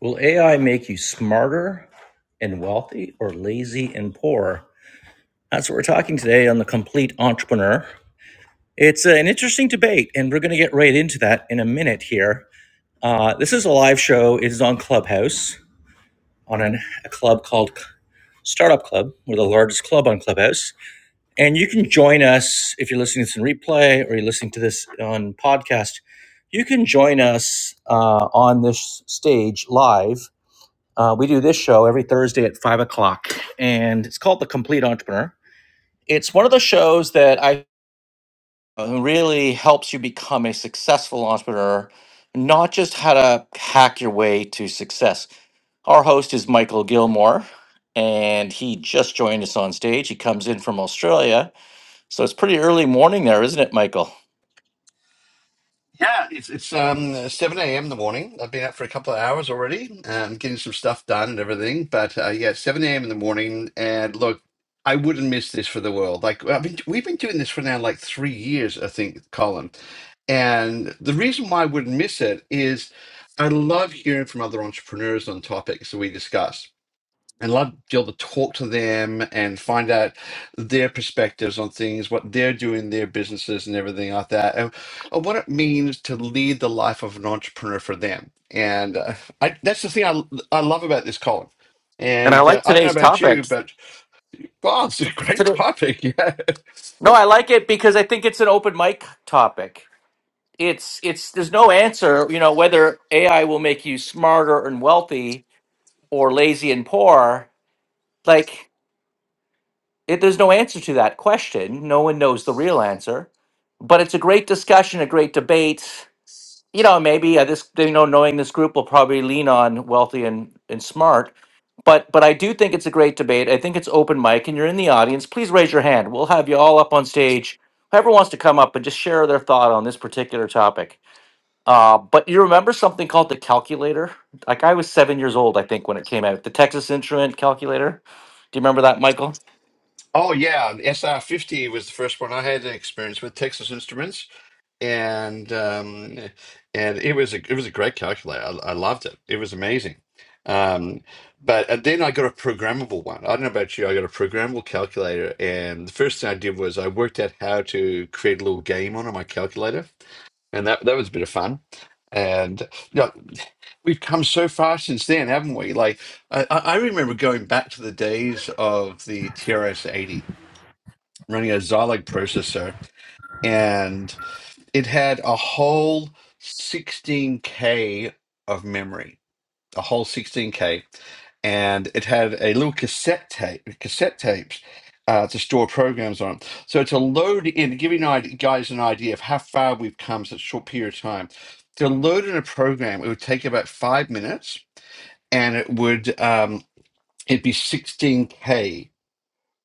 Will AI make you smarter and wealthy or lazy and poor? That's what we're talking today on The Complete Entrepreneur. It's uh, an interesting debate, and we're going to get right into that in a minute here. Uh, this is a live show. It is on Clubhouse, on an, a club called Startup Club. We're the largest club on Clubhouse. And you can join us if you're listening to this in replay or you're listening to this on podcast. You can join us uh, on this stage live Uh, we do this show every Thursday at five o'clock, and it's called The Complete Entrepreneur. It's one of the shows that I uh, really helps you become a successful entrepreneur, not just how to hack your way to success. Our host is Michael Gilmore, and he just joined us on stage. He comes in from Australia, so it's pretty early morning there, isn't it, Michael? Yeah, it's it's um seven a.m. in the morning. I've been out for a couple of hours already, um, getting some stuff done and everything. But uh, yeah, seven a.m. in the morning, and look, I wouldn't miss this for the world. Like I've been, we've been doing this for now like three years, I think, Colin. And the reason why I wouldn't miss it is I love hearing from other entrepreneurs on topics that we discuss and love to be able to talk to them and find out their perspectives on things, what they're doing, their businesses, and everything like that, and, and what it means to lead the life of an entrepreneur for them. And uh, I, that's the thing I, I love about this, Colin. And I And uh, like I don't know today's about you, topic. but wow, it's a great Today, topic. Yeah. no, I like it because I think it's an open mic topic. it's it's there's no answer you know whether ai will make you smarter and wealthy or lazy and poor like it, there's no answer to that question no one knows the real answer but it's a great discussion a great debate you know maybe uh, this you know knowing this group will probably lean on wealthy and and smart but but i do think it's a great debate i think it's open mic and you're in the audience please raise your hand we'll have you all up on stage whoever wants to come up and just share their thought on this particular topic uh, but you remember something called the calculator? Like I was seven years old, I think, when it came out. The Texas Instrument calculator. Do you remember that, Michael? Oh yeah, the SR50 was the first one I had an experience with Texas Instruments and um, and it was a it was a great calculator. I, I loved it. It was amazing. Um, but and then I got a programmable one. I don't know about you. I got a programmable calculator, and the first thing I did was I worked out how to create a little game on my calculator, and that that was a bit of fun. And you know, we've come so far since then, haven't we? Like I, I I remember going back to the days of the TRS-80, running a Zilog processor it had a whole 16K of memory, a whole 16K. And it had a little cassette tape, cassette tapes uh, to store programs on. So to load in, to give you an idea, guys an idea of how far we've come in such a short period of time, to load in a program, it would take about five minutes and it would, um, it'd be 16K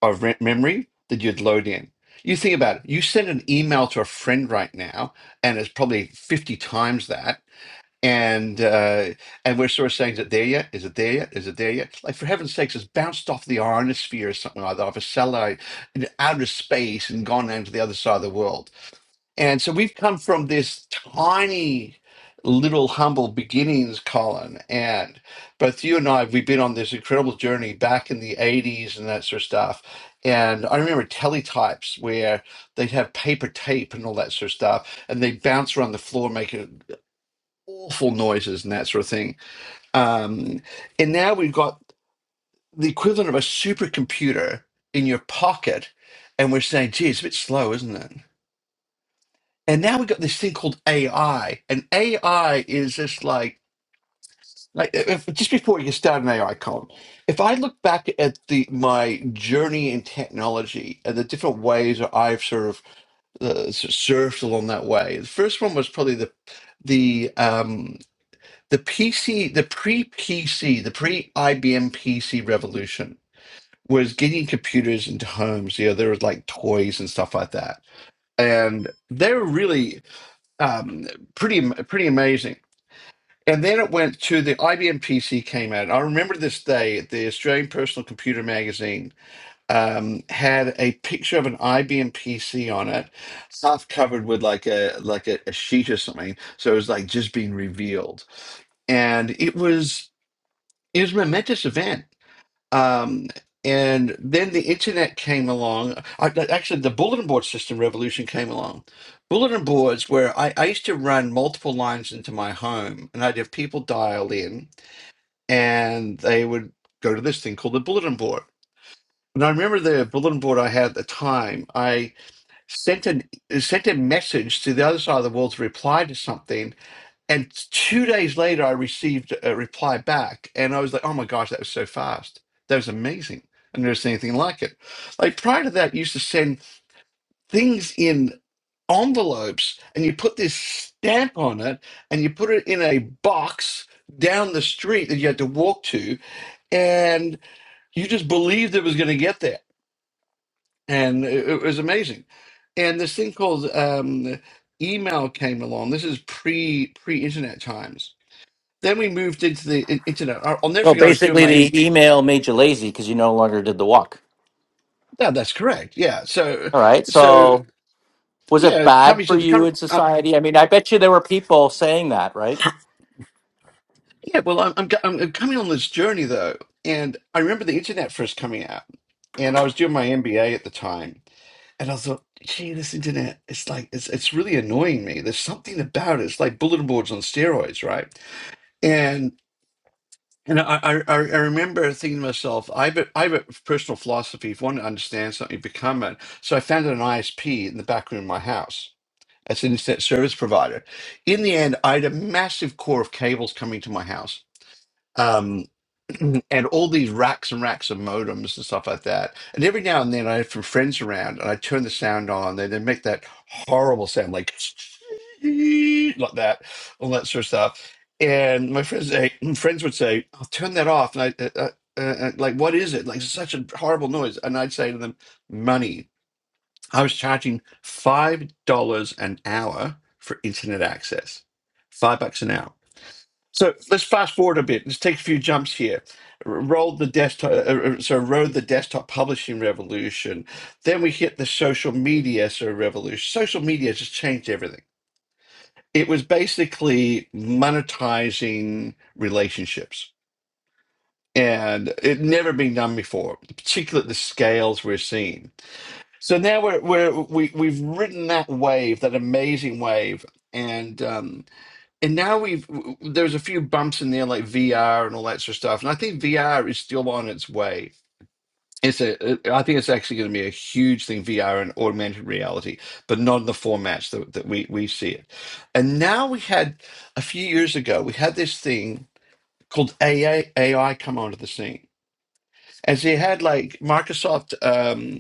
of re- memory that you'd load in. You think about it. You send an email to a friend right now, and it's probably fifty times that. And uh, and we're sort of saying, is it there yet? Is it there yet? Is it there yet? Like for heaven's sakes, it's bounced off the ionosphere or something like that, off a satellite in outer space and gone down to the other side of the world. And so we've come from this tiny little humble beginnings, Colin. And both you and I, we've been on this incredible journey back in the 80s and that sort of stuff. And I remember teletypes where they'd have paper tape and all that sort of stuff, and they'd bounce around the floor, making awful noises and that sort of thing. Um, and now we've got the equivalent of a supercomputer in your pocket, and we're saying, gee, it's a bit slow, isn't it? and now we got this thing called AI, and AI is just like like if, just before you start an AI column, if I look back at the my journey in technology and the different ways that I've sort of uh, s- surfed along that way, the first one was probably the the um the PC the pre PC the pre IBM PC revolution was getting computers into homes. You know, there was like toys and stuff like that, and they were really um, pretty pretty amazing. And then it went to the IBM PC came out. I remember this day. The Australian Personal Computer Magazine um, had a picture of an IBM PC on it, half covered with like a like a, a sheet or something. So it was like just being revealed, and it was it was a momentous event um, and then the internet came along. I, that- actually, the bulletin board system revolution came along. Bulletin boards, where I, I used to run multiple lines into my home, and I'd have people dial in, and they would go to this thing called the bulletin board. And I remember the bulletin board I had at the time. I sent an sent a message to the other side of the world to reply to something, and two days later, I received a reply back, and I was like, "Oh my gosh, that was so fast! That was amazing! I've never seen anything like it." Like prior to that, you used to send things in envelopes, and you put this stamp on it, and you put it in a box down the street that you had to walk to, and you just believed it was going to get there, and it, it was amazing. And this thing called um, email came along. This is pre pre internet times then we moved into the in- internet. I- I'll never Well, forget. I was doing basically, my imp- the email made you lazy because you no longer did the walk. no, that's correct. Yeah. So, All right. so So, was it yeah, coming bad to for the you com- in uh, society? I mean, I bet you there were people saying that, right? yeah. Well, I'm, I'm go- I'm I'm coming on this journey though, and I remember the internet first coming out, and I was doing my MBA at the time, and I thought, gee, this internet, it's like it's it's really annoying me. There's something about it. It's like bulletin boards on steroids, right? And I, I, I I remember thinking to myself, I have, a, I have a personal philosophy. If you want to understand something, become it. So I founded an ISP in the back room of my house as an internet service provider. In the end, I had a massive core of cables coming to my house. Um, and all these racks and racks of modems and stuff like that. And every now and then I have some friends around and I turn the sound on. They, they make that horrible sound like like that, all that sort of stuff. And my friends, say, friends would say, "I'll turn that off." And I, uh, uh, uh, uh, like, what is it? Like, it's such a horrible noise. And I'd say to them, "Money." I was charging five dollars an hour for internet access, five bucks an hour so let's fast forward a bit. Let's take a few jumps here. R- Rolled the desktop, uh, uh, so rode the desktop publishing revolution. Then we hit the social media so revolution. Social media just changed everything. It was basically monetizing relationships, and it never been done before, particularly at the scales we're seeing. So now we're, we're we we've ridden that wave, that amazing wave, and. Um, and now we've w- w- there's a few bumps in there like VR and all that sort of stuff, and I think VR is still on its way. It's a, it- I think it's actually going to be a huge thing, VR and augmented reality, but not in the formats that, that we we see it. And now we had a few years ago, we had this thing called AI AI come onto the scene, and so you had like Microsoft. um,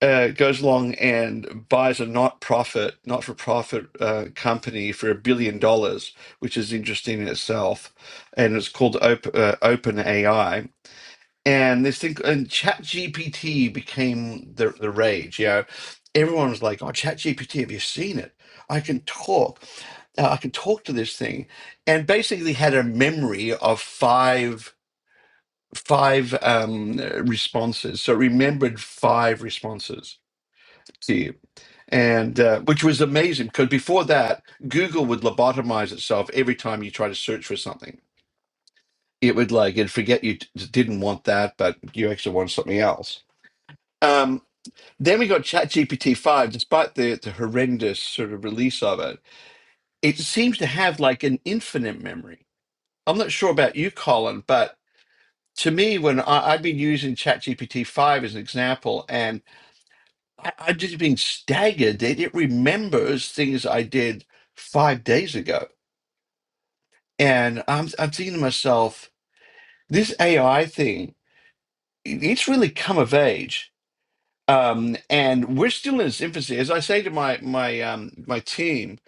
uh, goes along and buys a not profit, not for profit uh, company for a billion dollars, which is interesting in itself, and it's called Op- uh, Open AI. And this thing and Chat GPT became the the rage. You know, everyone was like, "Oh, Chat GPT, have you seen it? I can talk. Uh, I can talk to this thing," and basically had a memory of five five um, responses. So it remembered five responses to you and uh, which was amazing because before that, Google would lobotomize itself every time you try to search for something. It would like it'd forget you t- didn't want that, but you actually wanted something else. Um, then we got ChatGPT five. Despite the, the horrendous sort of release of it, it seems to have like an infinite memory. I'm not sure about you, Colin, but to me, when I, I've been using ChatGPT five as an example, and I, I've just been staggered that it remembers things I did five days ago And I'm I'm thinking to myself, this AI thing, it- it's really come of age. Um, and we're still in its infancy. As I say to my my um, my team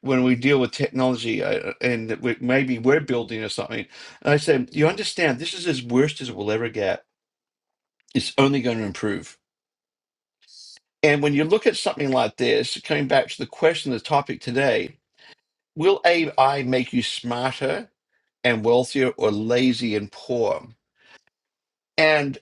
when we deal with technology uh, and that we, maybe we're building or something, I say, you understand, this is as worst as it will ever get. It's only going to improve. And when you look at something like this, coming back to the question, the topic today, will AI make you smarter and wealthier or lazy and poor? And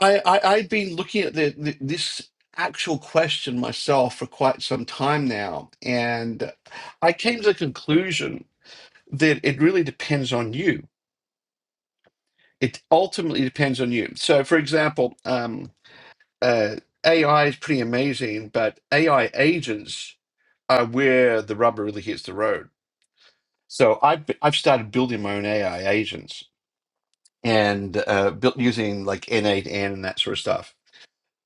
I, I I've been looking at the, the this actual question myself for quite some time now, and I came to the conclusion that it really depends on you. It ultimately depends on you. So, for example, um, uh, AI is pretty amazing, but AI agents are where the rubber really hits the road. So, I've I've started building my own AI agents and uh, built using like N8N and that sort of stuff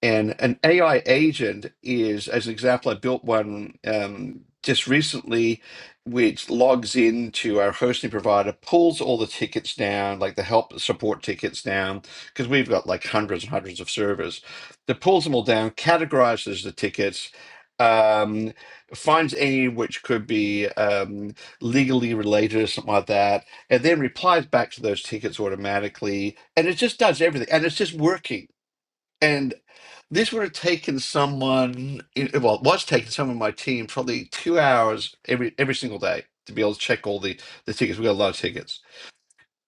And an AI agent is, as an example, I built one um, just recently, which logs into our hosting provider, pulls all the tickets down, like the help support tickets down, because we've got like hundreds and hundreds of servers. That pulls them all down, categorizes the tickets, um, finds any which could be um, legally related or something like that, and then replies back to those tickets automatically. And it just does everything, and it's just working and this would have taken someone, it- well, it was taking someone on my team probably two hours every every single day to be able to check all the the tickets. We got a lot of tickets,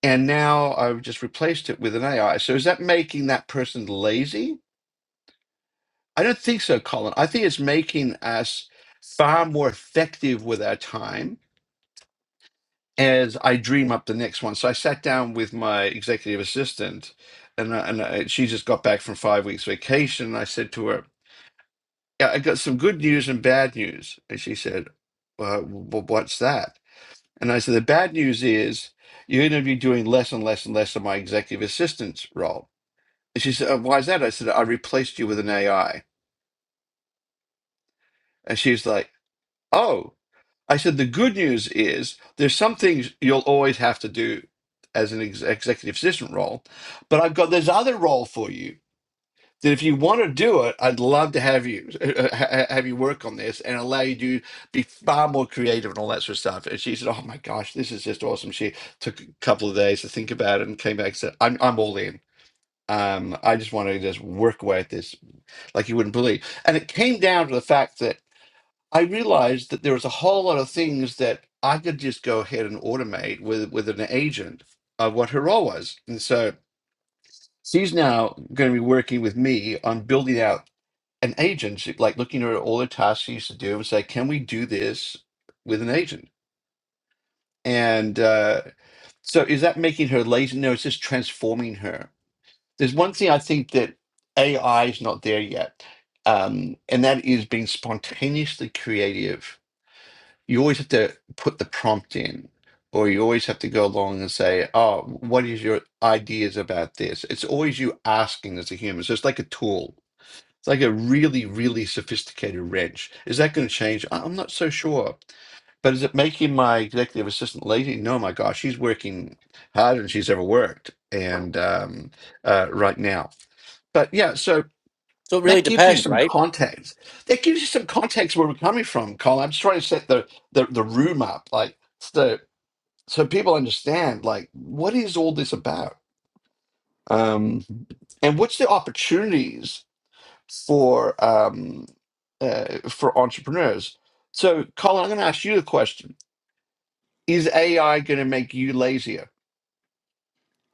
and now I've just replaced it with an AI. So is that making that person lazy? I don't think so, Colin. I think it's making us far more effective with our time as I dream up the next one. So I sat down with my executive assistant, and I- and I, she just got back from five weeks vacation. And I said to her. yeah, I got some good news and bad news. And she said, well, w- what's that? And I said, the bad news is you're going to be doing less and less and less of my executive assistant's role. And she said, oh, why is that? I said, I replaced you with an AI. And she's like, oh. I said, the good news is there's some things you'll always have to do as an ex- executive assistant role, but I've got this other role for you that if you want to do it, I'd love to have you uh, uh, ha- have you work on this and allow you to be far more creative and all that sort of stuff. And she said, "Oh my gosh, this is just awesome." She took a couple of days to think about it and came back and said, "I'm I'm all in. Um, I just want to just work away at this like you wouldn't believe." And it came down to the fact that I realized that there was a whole lot of things that I could just go ahead and automate with with an agent of what her role was, and so. She's now going to be working with me on building out an agent, like looking at all the tasks she used to do, and say, "Can we do this with an agent?" And uh, so, is that making her lazy? No, it's just transforming her. There's one thing I think that AI is not there yet, um, and that is being spontaneously creative. You always have to put the prompt in, or you always have to go along and say, "Oh, what is your ideas about this?" It's always you asking as a human. So it's like a tool it's like a really, really sophisticated wrench. Is that going to change? I- I'm not so sure. But is it making my executive assistant lazy? No, my gosh, she's working harder than she's ever worked, and um, uh, right now. But yeah, so So it really that gives you depends, some right? context. That gives you some context where we're coming from, Colin. I'm just trying to set the the, the room up, like so so people understand, like what is all this about, um, and what's the opportunities for um, uh, for entrepreneurs. So, Colin, I'm going to ask you a question: Is AI going to make you lazier?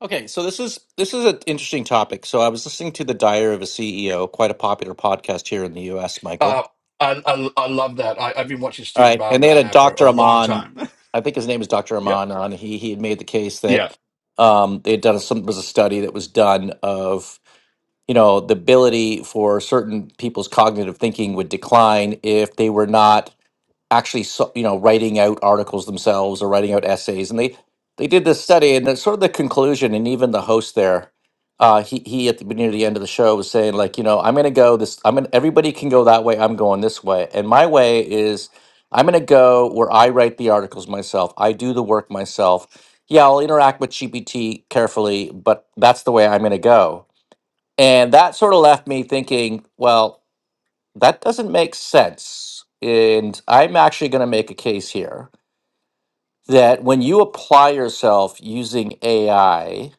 Okay. So this is this is an interesting topic. So I was listening to the Diary of a CEO, quite a popular podcast here in the U.S. Michael, Uh, I, I I love that. I, I've been watching All Stephen right, and they Bartlett had a now for a Dr. long Aman, time. I think his name is Dr. yeah, Aman, on. He he had made the case yeah, that um, they had done some was a study that was done of you know the ability for certain people's cognitive thinking would decline if they were not actually so, you know writing out articles themselves or writing out essays and they they did this study and it's sort of the conclusion and even the host there uh he he at the beginning of the end of the show was saying like you know i'm gonna go this i'm gonna everybody can go that way i'm going this way and my way is i'm gonna go where i write the articles myself i do the work myself yeah i'll interact with gpt carefully but that's the way i'm gonna go and that sort of left me thinking well that doesn't make sense. And I'm actually going to make a case here that when you apply yourself using AI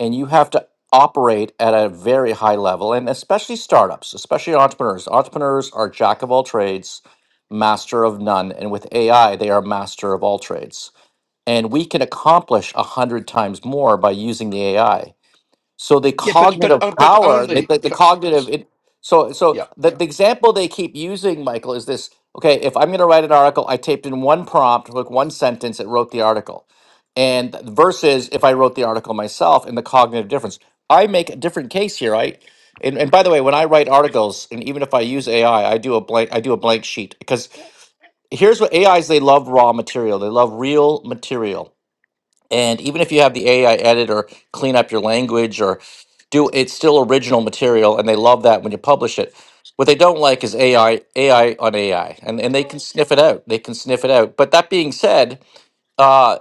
and you have to operate at a very high level, and especially startups, especially entrepreneurs, entrepreneurs are jack of all trades, master of none. And with AI, they are master of all trades. And we can accomplish a hundred times more by using the AI. So the yeah. But but cognitive uh, but power, the, only. the, the 'cause- cognitive, it, so so Yeah, the, the example they keep using, Michael, is this: okay, if I'm going to write an article, I typed in one prompt, like one sentence, it wrote the article, and th- versus if I wrote the article myself and the cognitive difference. I make a different case here, right? And, and by the way, when I write articles, and even if I use AI, I I do a blank, I do a blank sheet because here's what AIs they love raw material, they love real material and even if you have the AI edit or clean up your language or do it's still original material and they love that when you publish it. What they don't like is AI AI on AI. And and they can sniff it out. They can sniff it out. But that being said, uh,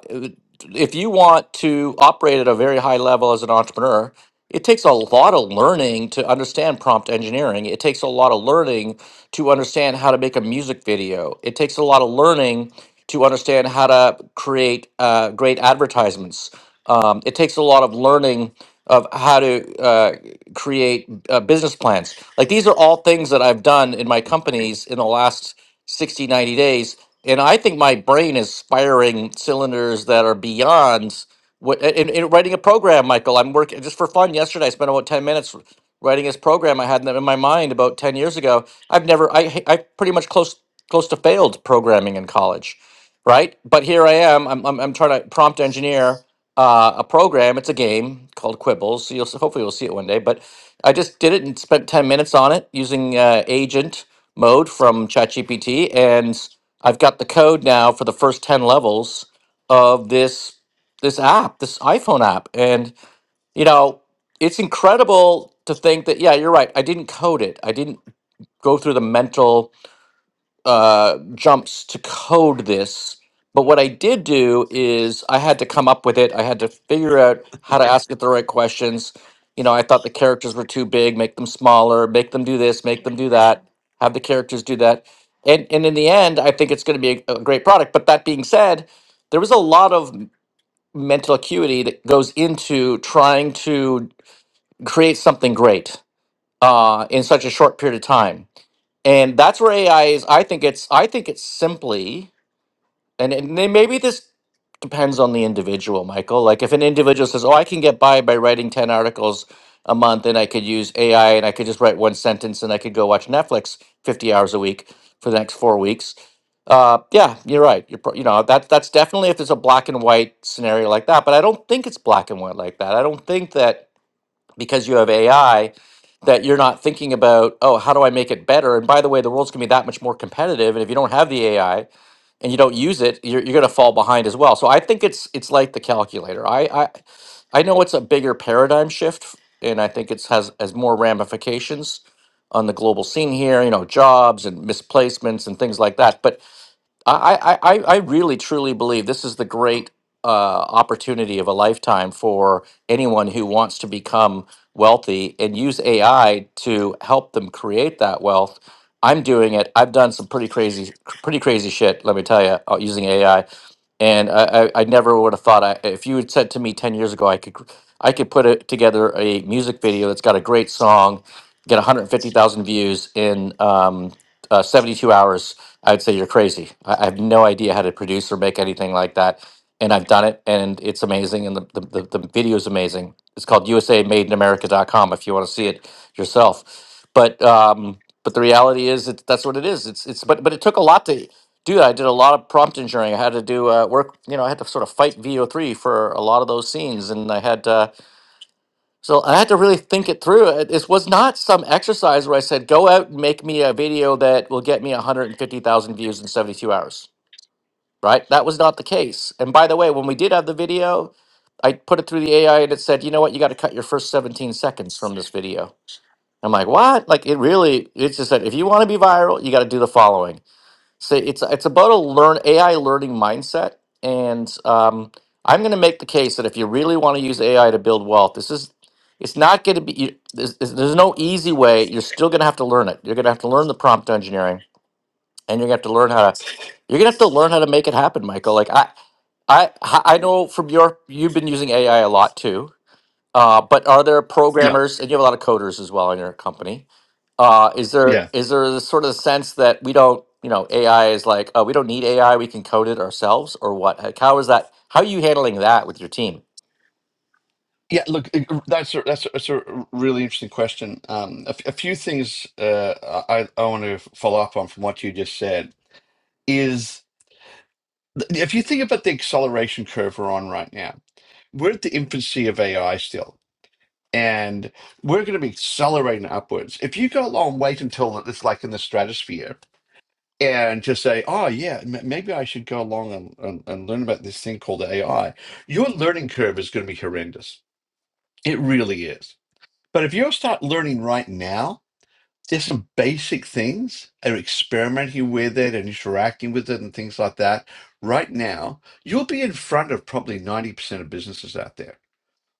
if you want to operate at a very high level as an entrepreneur, it takes a lot of learning to understand prompt engineering. It takes a lot of learning to understand how to make a music video. It takes a lot of learning to understand how to create uh, great advertisements. Um, it takes a lot of learning of how to uh, create uh, business plans. Like these are all things that I've done in my companies in the last 60 90 days. And I think my brain is firing cylinders that are beyond what in, in writing a program, Michael. I'm working just for fun yesterday. I spent about 10 minutes writing this program I had in in my mind about 10 years ago. I've never, I, h- I I pretty much close, close to failed programming in college, right? But here I am, I'm, I'm, I'm trying to prompt engineer uh, a program. It's a game called Quibbles. So you'll, s- hopefully you'll see it one day, but I just did it and spent 10 minutes on it using uh, Agent mode from ChatGPT, and I've got the code now for the first ten levels of this this app, this iPhone app, and you know it's incredible to think that yeah, you're right. I didn't code it. I didn't go through the mental uh, jumps to code this. But what I did do is I had to come up with it. I had to figure out how to ask it the right questions. You know, I thought the characters were too big, make them smaller, make them do this, make them do that, have the characters do that. And, and in the end, I think it's going to be a, a great product. But that being said, there was a lot of m- mental acuity that goes into trying to create something great uh, in such a short period of time and that's where AI is. I think it's I think it's simply and, and then maybe this depends on the individual, Michael. Like if an individual says, "Oh, I can get by by writing ten articles a month, and I could use AI, and I could just write one sentence, and I could go watch Netflix fifty hours a week for the next four weeks." Uh, yeah, you're right. You're pro- you know that that's definitely if there's a black and white scenario like that. But I don't think it's black and white like that. I don't think that because you have AI that you're not thinking about, oh, how do I make it better? And by the way, the world's going to be that much more competitive. And if you don't have the AI and you don't use it, you're, you're going to fall behind as well. So I think it's it's like the calculator. I I, I know it's a bigger paradigm shift, and I think it's has has more ramifications on the global scene here. You know, jobs and misplacements and things like that. But I, I, I I really truly believe this is the great uh, opportunity of a lifetime for anyone who wants to become wealthy and use AI to help them create that wealth. I'm doing it. I've done some pretty crazy, pretty crazy shit. Let me tell you, uh, using AI, and I, I, I never would have thought. I, if you had said to me ten years ago, I could, I could put it together a music video that's got a great song, get 150,000 views in. Um, uh, 72 hours, I'd say you're crazy. I, I have no idea how to produce or make anything like that. And I've done it and it's amazing. And the, the, the, the video is amazing. It's called USAMadeInAmerica.com if you want to see it yourself. But, um, but the reality is it's, that's what it is. It's, it's, but, but it took a lot to do that. I did a lot of prompt engineering. I had to do uh, work, you know, I had to sort of fight VO3 for a lot of those scenes. And I had, uh, so I had to really think it through. Uh, This was not some exercise where I said, go out and make me a video that will get me 150,000 views in 72 hours, right? That was not the case. And by the way, when we did have the video, I put it through the AI and it said, you know what? You got to cut your first 17 seconds from this video. I'm like, what? Like, it really, it's just that if you want to be viral, you got to do the following. So it's it's about a learn AI learning mindset, and um, I'm going to make the case that if you really want to use AI to build wealth, this is it's not going to be you, there's, there's there's no easy way. You're still going to have to learn it. You're going to have to learn the prompt engineering, and you're going to have to learn how to you're going to have to learn how to make it happen, Michael. Like I I I know from your you've been using AI a lot too uh, but are there yeah, programmers, and you have a lot of coders as well in your company. Uh, is there yeah. Right. is there this sort of sense that we don't, you know, AI is like, oh, we don't need AI, we can code it ourselves, or what? Like, how is that? How are you handling that with your team? Yeah, look, it- that's a, that's a, that's a really interesting question. Um, a, f- a few things uh, I, I want to follow up on from what you just said is th- if you think about the acceleration curve we're on right now, we're at the infancy of AI still, and we're going to be accelerating upwards. If you go along, wait until it's like in the stratosphere and just say, oh, yeah, m- maybe I should go along and, and, and learn about this thing called AI, your learning curve is going to be horrendous. It really is. But if you start learning right now, there's some basic things and experimenting with it and interacting with it and things like that. Right now, you'll be in front of probably 90% of businesses out there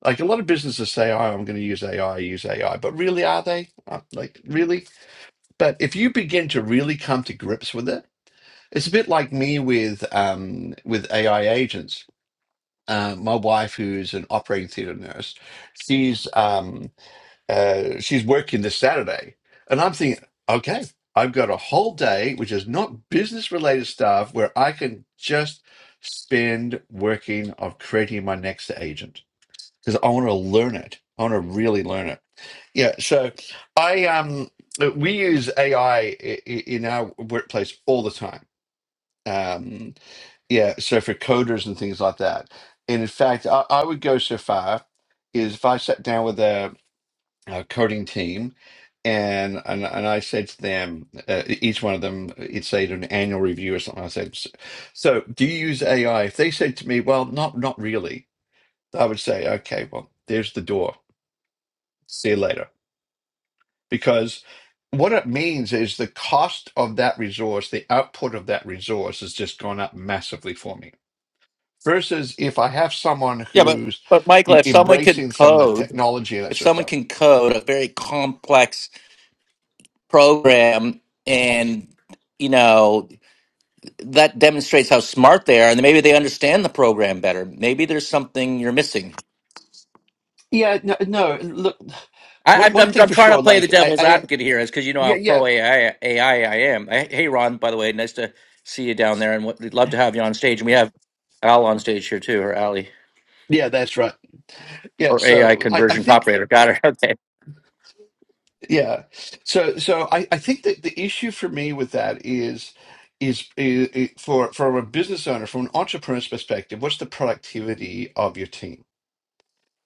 like a lot of businesses say, "Oh, I'm going to use AI, use AI," but really, are they? Uh, Like, really? But if you begin to really come to grips with it, it's a bit like me with um, with AI agents. Uh, my wife, who's an operating theatre nurse, she's um, uh, she's working this Saturday, and I'm thinking, okay, I've got a whole day, which is not business related stuff, where I can just spend working of creating my next agent because I want to learn it. I want to really learn it. Yeah. So I um we use AI in our workplace all the time. Um, yeah. So for coders and things like that. And in fact, I, I would go so far is if I sat down with a, a coding team. And, and and I said to them, uh, e, each one of them, it's say an annual review or something. I said, so, so do you use AI? If they said to me, well, not not really, I would say, okay, well, there's the door see you later. Because what it means is the cost of that resource, the output of that resource has just gone up massively for me. Versus if I have someone Yeah, but who's but Michael, e- if someone can embracing some of the code, technology and that if sort of someone stuff. can code a very complex program, and you know that demonstrates how smart they are, and maybe they understand the program better. Maybe there's something you're missing Yeah, no, no look, I, one, I'm, one I'm thing I'm for trying to sure, play the like, I, devil's I, advocate here, is because you know how yeah, yeah, pro AI, AI I am. I, hey, Ron, by the way, nice to see you down there, and what, we'd love to have you on stage. And we have Al on stage here too, or Ali, yeah, that's right. Yeah, or AI so I, I conversion think operator. Got her. Okay. Yeah. So so I, I think that the issue for me with that is is, is, is for from a business owner, from an entrepreneur's perspective, what's the productivity of your team?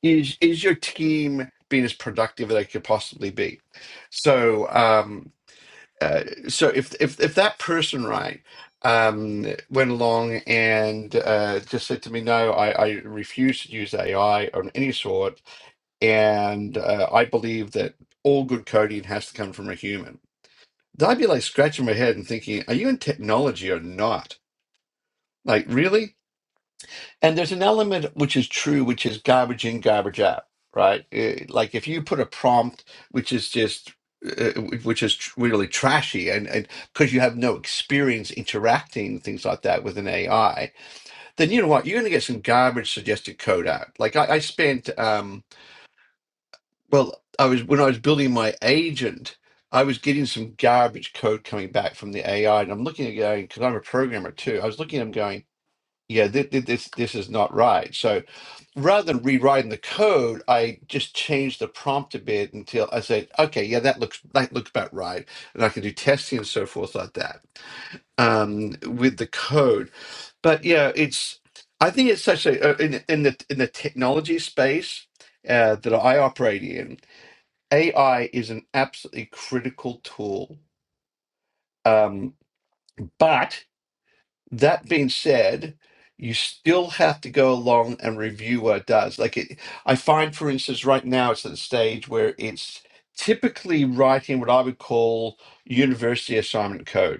Is is your team being as productive as they could possibly be? So um uh, so if if if that person right um went along and uh just said to me no I, I refuse to use AI of any sort and uh, I believe that all good coding has to come from a human I'd be like scratching my head and thinking, are you in technology or not? Like, really? And there's an element which is true, which is garbage in, garbage out, right? Eh, like if you put a prompt which is just, uh, which is tr- really trashy and and because you have no experience interacting things like that with an AI, then you know what? You're going to get some garbage suggested code out. Like I, I spent, um, Well, I was when I was building my agent, I was getting some garbage code coming back from the AI, and I'm looking at it going because I'm a programmer too. I was looking at them going, yeah, thi- thi- this this is not right. So rather than rewriting the code, I just changed the prompt a bit until I said, okay, yeah, that looks that looks about right, and I can do testing and so forth like that um, with the code. But yeah, it's I think it's such a uh, in in the in the technology space uh, that I operate in. AI is an absolutely critical tool. Um, but that being said, you still have to go along and review what it does. Like it, I find, for instance, right now it's at a stage where it's typically writing what I would call university assignment code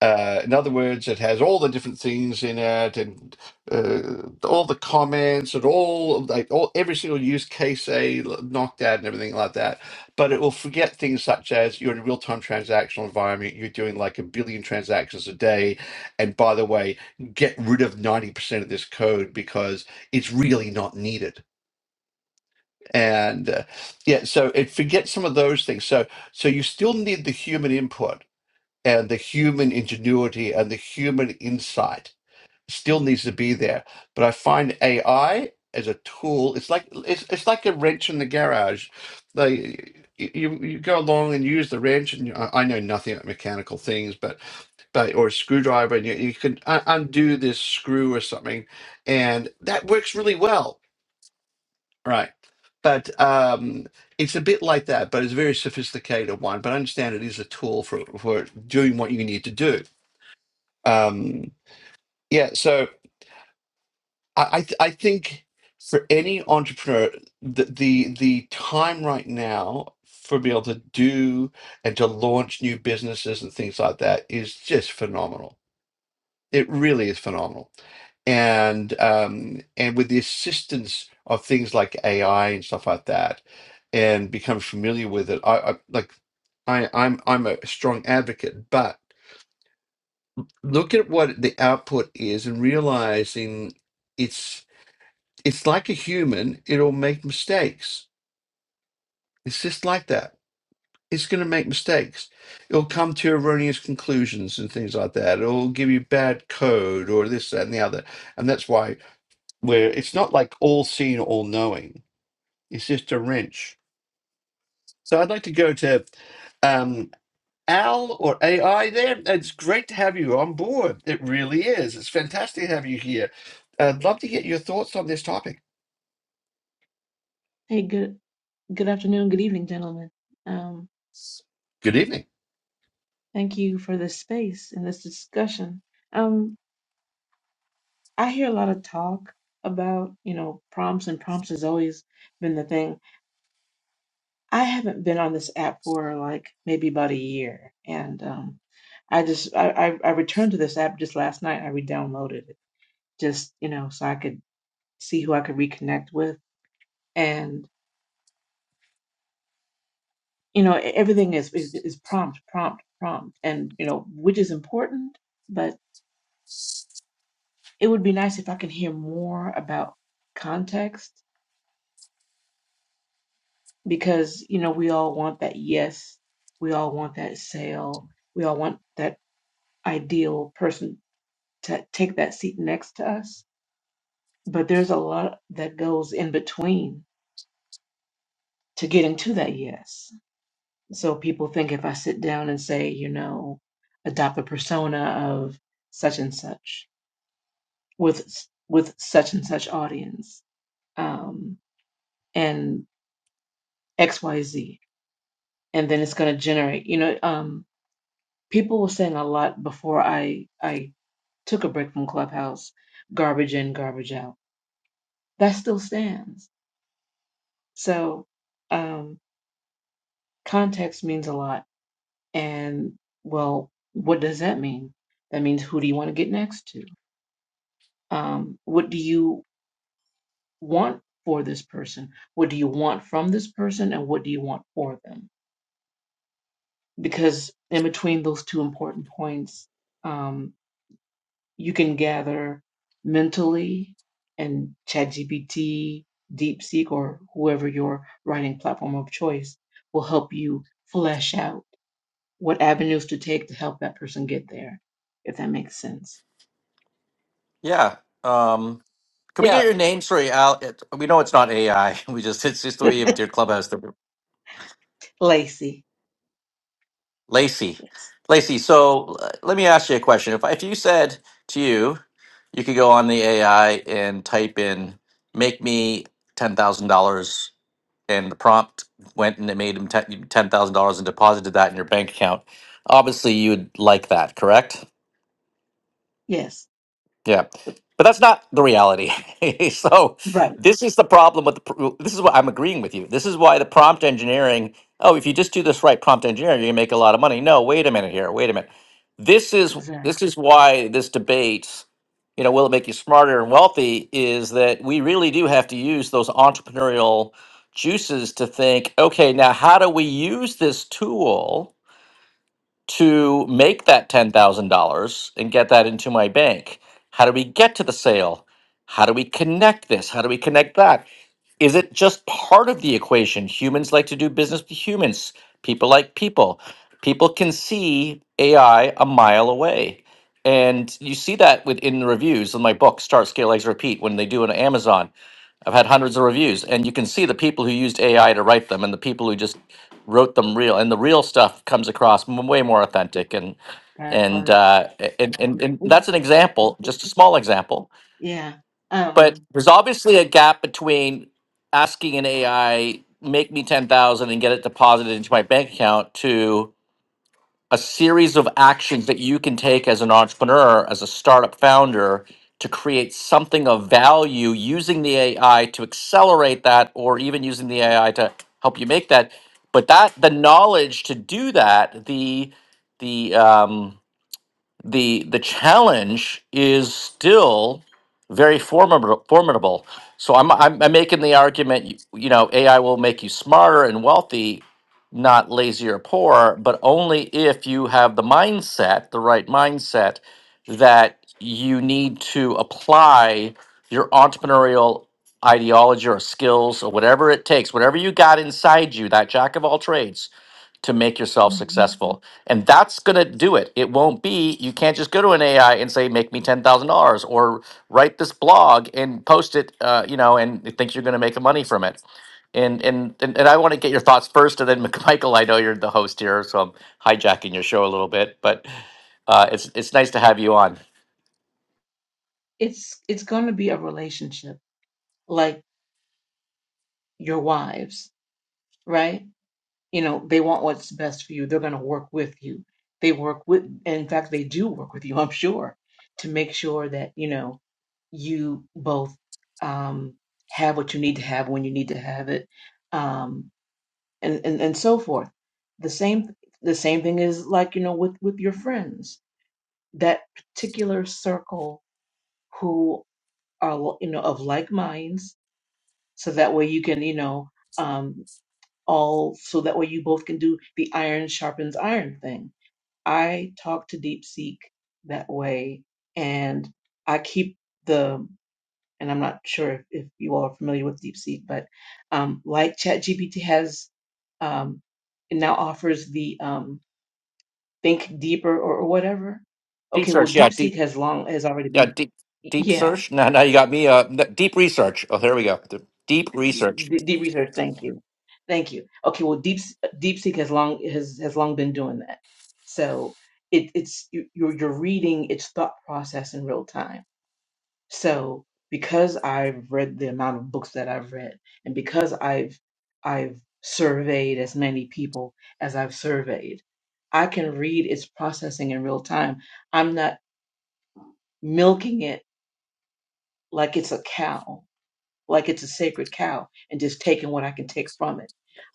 Uh, in other words, it has all the different things in it, and uh, all the comments, and all like all every single use case they knocked out, and everything like that. But it will forget things such as you're in a real-time transactional environment, you're doing like a billion transactions a day, and by the way, get rid of ninety percent of this code because it's really not needed. And uh, yeah, so it forgets some of those things. So so you still need the human input and the human ingenuity and the human insight still needs to be there. But I find AI as a tool, it's like it's, it's like a wrench in the garage. They you you go along and use the wrench, and I I know nothing about mechanical things, but but or a screwdriver, and you, you can un- undo this screw or something, and that works really well, right? But um, it's a bit like that, but it's a very sophisticated one. But I understand it is a tool for for doing what you need to do um yeah so i i, th- I think for any entrepreneur the, the the time right now for being able to do and to launch new businesses and things like that is just phenomenal it really is phenomenal and um and with the assistance of things like ai and stuff like that and become familiar with it i, I like i i'm i'm a strong advocate but. look at what the output is and realizing it's it's like a human it'll make mistakes it's just like that it's going to make mistakes it'll come to erroneous conclusions and things like that it'll give you bad code or this that and the other and that's why where it's not like all seeing all knowing it's just a wrench so i'd like to go to um Al or AI there. It's great to have you on board. It really is. It's fantastic to have you here. I'd love to get your thoughts on this topic. Hey, good good afternoon, good evening, gentlemen. Um, Good evening. thank you for this space and this discussion. Um, I hear a lot of talk about, you know, prompts and prompts has always been the thing. I haven't been on this app for like maybe about a year, and um, I just I, I I returned to this app just last night. I re-downloaded it just, you know, so I could see who I could reconnect with, and you know, e-, everything is is, is prompt, prompt, prompt, and you know, which is important, but it would be nice if I could hear more about context because, you know, we all want that yes, we all want that sale, we all want that ideal person to take that seat next to us. But there's a lot that goes in between to getting to that yes. So people think if I sit down and say, you know, adopt a persona of such and such with with such and such audience um, and X Y Z, and then it's going to generate you know um people were saying a lot before i i took a break from clubhouse garbage in garbage out that still stands so um context means a lot and well what does that mean that means who do you want to get next to um what do you want for this person what do you want from this person and what do you want for them because in between those two important points um, you can gather mentally and ChatGPT, DeepSeek, or whoever your writing platform of choice will help you flesh out what avenues to take to help that person get there, if that makes sense. Yeah. Um, can we get Yeah. your name? Sorry, Al. It, we know it's not AI. We just it's just the way you have your clubhouse. The Lacey. Lacey, Yes. Lacey. So uh, let me ask you a question. If I- if you said to you, you could go on the AI and type in "make me ten thousand dollars." and the prompt went and it made him ten thousand dollars and deposited that in your bank account. Obviously, you'd like that, correct? Yes. Yeah, but that's not the reality. so Right. this is the problem with the. pr- well, This is what I'm agreeing with you. This is why the prompt engineering. Oh, if you just do this right, prompt engineering, you can make a lot of money. No, wait a minute here. Wait a minute. This is this Exactly. is why this debate. You know, will it make you smarter and wealthy? Is that we really do have to use those entrepreneurial juices to think. Okay, now how do we use this tool? to make that $10,000 and get that into my bank? How do we get to the sale? How do we connect this? How do we connect that? Is it just part of the equation? Humans like to do business with humans, people like people. People can see AI a mile away. And you see that within the reviews in my book, Start, Scale, Exit, Repeat, when they do on Amazon I've had hundreds of reviews, and you can see the people who used AI to write them, and the people who just wrote them real. And the real stuff comes across m- way more authentic, and That and part. uh, a- and, and and that's an example, just a small example. Yeah. But Um there's obviously a gap between asking an AI make me ten thousand and get it deposited into my bank account to a series of actions that you can take as an entrepreneur, as a startup founder, to create something of value using the AI to accelerate that, or even using the AI to help you make that. But that the knowledge to do that, the the um, the the challenge is still very formidable. formidable. So I'm, I'm I'm making the argument, you, you know, AI will make you smarter and wealthy, not lazy or poor, but only if you have the mindset, the right mindset, that you need to apply your entrepreneurial ideology or skills or whatever it takes, whatever you got inside you, that jack of all trades to make yourself Mhm. successful. And that's going to do it. It won't be, you can't just go to an AI and say, make me $10,000 or write this blog and post it, uh, you know, and it thinks you're going to make money from it. And, and, and, and I want to get your thoughts first. And then, Mc- Michael, I know you're the host here, so I'm hijacking your show a little bit, but uh, it's, it's nice to have you on. it's it's gonna be a relationship like your wives, right? you know they want what's best for you they're going to work with you they work with in fact they do work with you i'm sure to make sure that you know you both um have what you need to have when you need to have it um and and, and so forth the same the same thing is like you know with with your friends that particular circle who are you know of like minds so that way you can you know um all so that way you both can do the iron sharpens iron thing. I talk to DeepSeek that way and I keep the and I'm not sure if, if you all are familiar with DeepSeek, but um, like ChatGPT has um, it now offers the um, think deeper or, or whatever. Deep Okay, well search. Yeah. DeepSeek Deep, has long has already yeah, been deep, deep yeah. search. Now, now you got me, uh, n- deep research. Oh, here we go. The deep research. D- Deep research. Thank you, thank you. Okay, well, deep DeepSeek has long has has long been doing that. So it, it's you- you're you're reading its thought process in real time. So because I've read the amount of books that I've read, and because I've I've surveyed as many people as I've surveyed, I can read its processing in real time. I'm not milking it like it's a cow. like it's a sacred cow and just taking what I can take from it.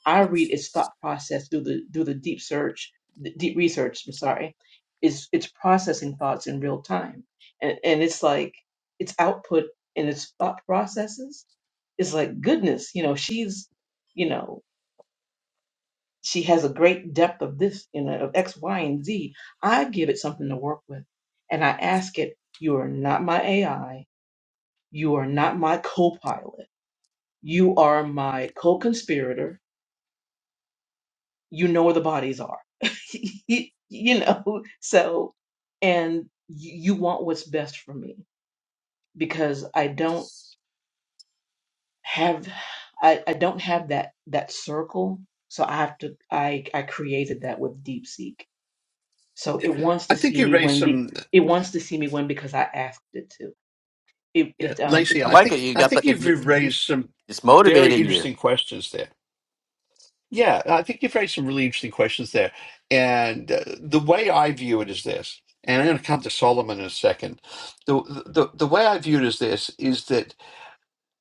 I read Yes. its thought process through the through the deep search, the deep research. I'm sorry, it's it's processing thoughts in real time, and and it's like its output and its thought processes is like goodness. You know, she's you know she has a great depth of this, you know, of X, Y, and Z. I give it something to work with, and I ask it. You are not my AI. You are not my co-pilot you are my co conspirator. You know where the bodies are. you, you know, so, and you, you want what's best for me because I don't have. I, I don't have that that circle, so I have to. I I created that with DeepSeek, so it wants to I think see you me raised win. Be, some, it wants to see me win because I asked it to. It yeah, it um Lacey, it's I I like it. think You I got think the, it- you've mhm. raised some it's very motivating you. interesting questions there. Yeah, I think you've raised some really interesting questions there. And uh, the way I view it is this, and I'm going to come to Solomon in a second. The, the the way I view it is this: is that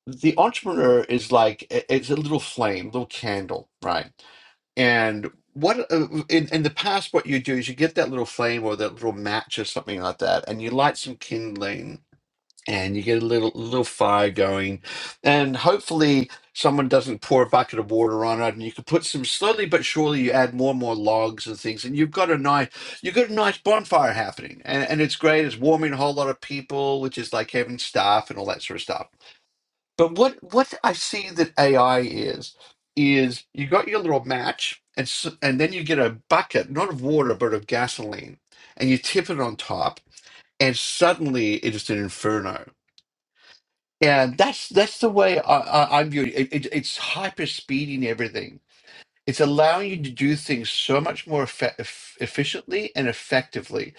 the entrepreneur is like i- it's a little flame, little candle, right? And what uh, in in the past, what you do is you get that little flame or that little match or something like that, and you light some kindling, and you get a little little fire going, and hopefully someone doesn't pour a bucket of water on it, and you can put some slowly but surely you add more and more logs and things, and you've got a nice you've got a nice bonfire happening, and and it's great. It's warming a whole lot of people, which is like having staff and all that sort of stuff but what what I see that AI is is you got your little match and s and then you get a bucket, not of water but of gasoline, and you tip it on top, and suddenly it is an inferno. And that's that's the way I, I, I view it. It, it. It's hyper speeding everything. It's allowing you to do things so much more effe- eff- efficiently and effectively,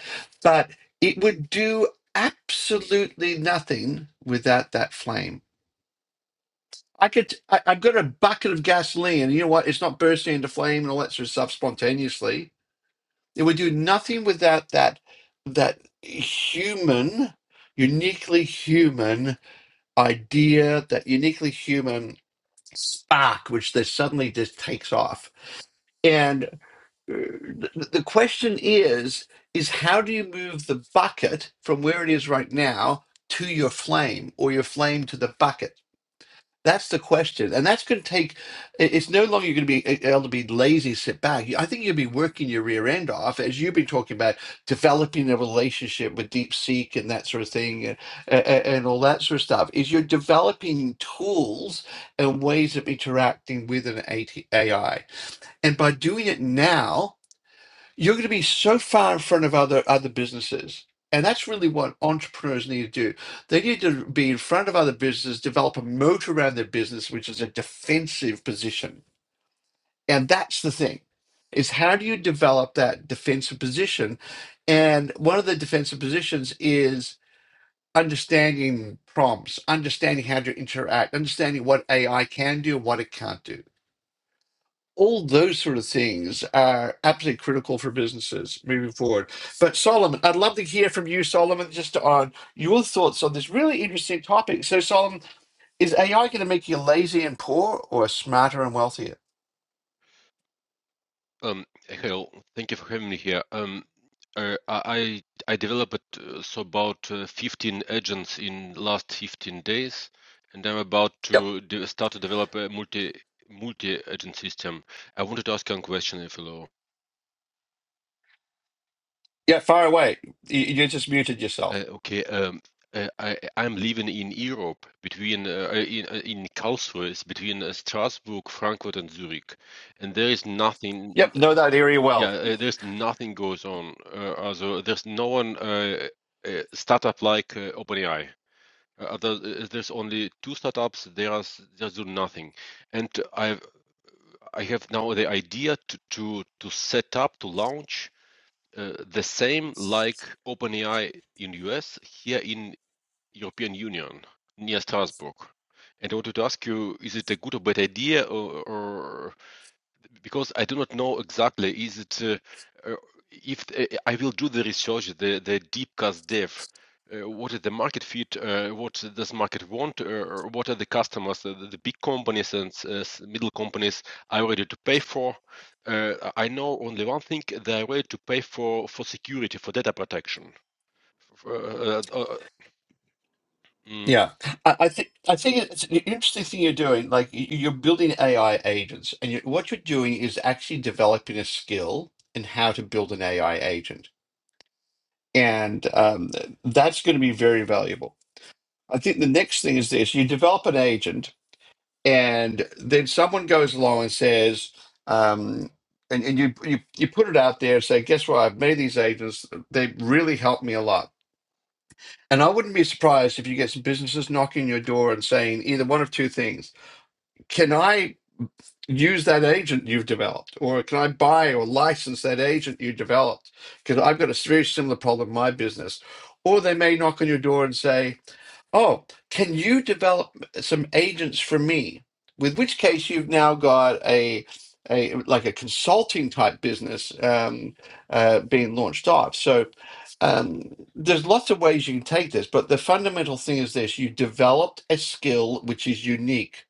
but it would do absolutely nothing without that flame. I could, I, I've got a bucket of gasoline, and you know what? It's not bursting into flame and all that sort of stuff spontaneously. It would do nothing without that, that human, uniquely human idea, that uniquely human spark, which then suddenly just takes off. And uh, the, the question is, is how do you move the bucket from where it is right now to your flame or your flame to the bucket? That's the question, and that's going to take. it- It's no longer going to be a- able to be lazy, sit back. You- I think you'll be working your rear end off, as you've been talking about developing a relationship with DeepSeek and that sort of thing, and, and all that sort of stuff. Is you're developing tools and ways of interacting with an AT AI, and by doing it now you're going to be so far in front of other other businesses and that's really what entrepreneurs need to do they need to be in front of other businesses develop a moat around their business which is a defensive position and that's the thing is how do you develop that defensive position and one of the defensive positions is understanding prompts understanding how to interact understanding what ai can do what it can't do all those sort of things are absolutely critical for businesses moving forward. But Solomon, I'd love to hear from you, Solomon, just on your thoughts on this really interesting topic. So, Solomon, is AI going to make you lazy and poor, or smarter and wealthier? Um, hello. Thank you for having me here. Um, uh, I I I developed uh, so about uh, 15 agents in last 15 days, and I'm about Yep. to de start to develop a multi multi-agent system. I wanted to ask you a question, if you allow. Yeah, far away. You, you just muted yourself. Uh, okay. Um, uh, I I'm living in Europe between uh, uh, in uh, in Karlsruhe, it's between uh, Strasbourg, Frankfurt, and Zurich, and there is nothing. Yep, know that area Yeah, well. uh, there's nothing goes on. Uh, also, there's no one uh, uh, startup like uh, OpenAI. Uh, other, uh, there's only two startups. They are s- they do nothing, and I I have now the idea to to to set up to launch uh, the same like OpenAI in US here in European Union near Strasbourg. And I wanted to ask you, is it a good or bad idea, or, because I do not know exactly is it uh, uh, if uh, I will do the research the the deep cast dev uh, what is the market fit uh, what does market want uh, or what are the customers uh, the, the big companies and uh, middle companies are ready to pay for uh, I know only one thing they are ready to pay for for security for data protection For, uh, uh, uh, mm. Yeah, I, I think I think it's an interesting thing you're doing. Like y- you're building AI agents, and you, what you're doing is actually developing a skill in how to build an AI agent and um, that's going to be very valuable. I think the next thing is this: you develop an agent, and then someone goes along and says, um, and, and you, you you put it out there and say, "Guess what? I've made these agents. They really helped me a lot." And I wouldn't be surprised if you get some businesses knocking your door and saying either one of two things: Can I? use that agent you've developed or can i buy or license that agent you developed because i've got a very similar problem in my business or they may knock on your door and say oh can you develop some agents for me with which case you've now got a a like a consulting type business um, uh, being launched off so um, there's lots of ways you can take this but the fundamental thing is this you developed a skill which is unique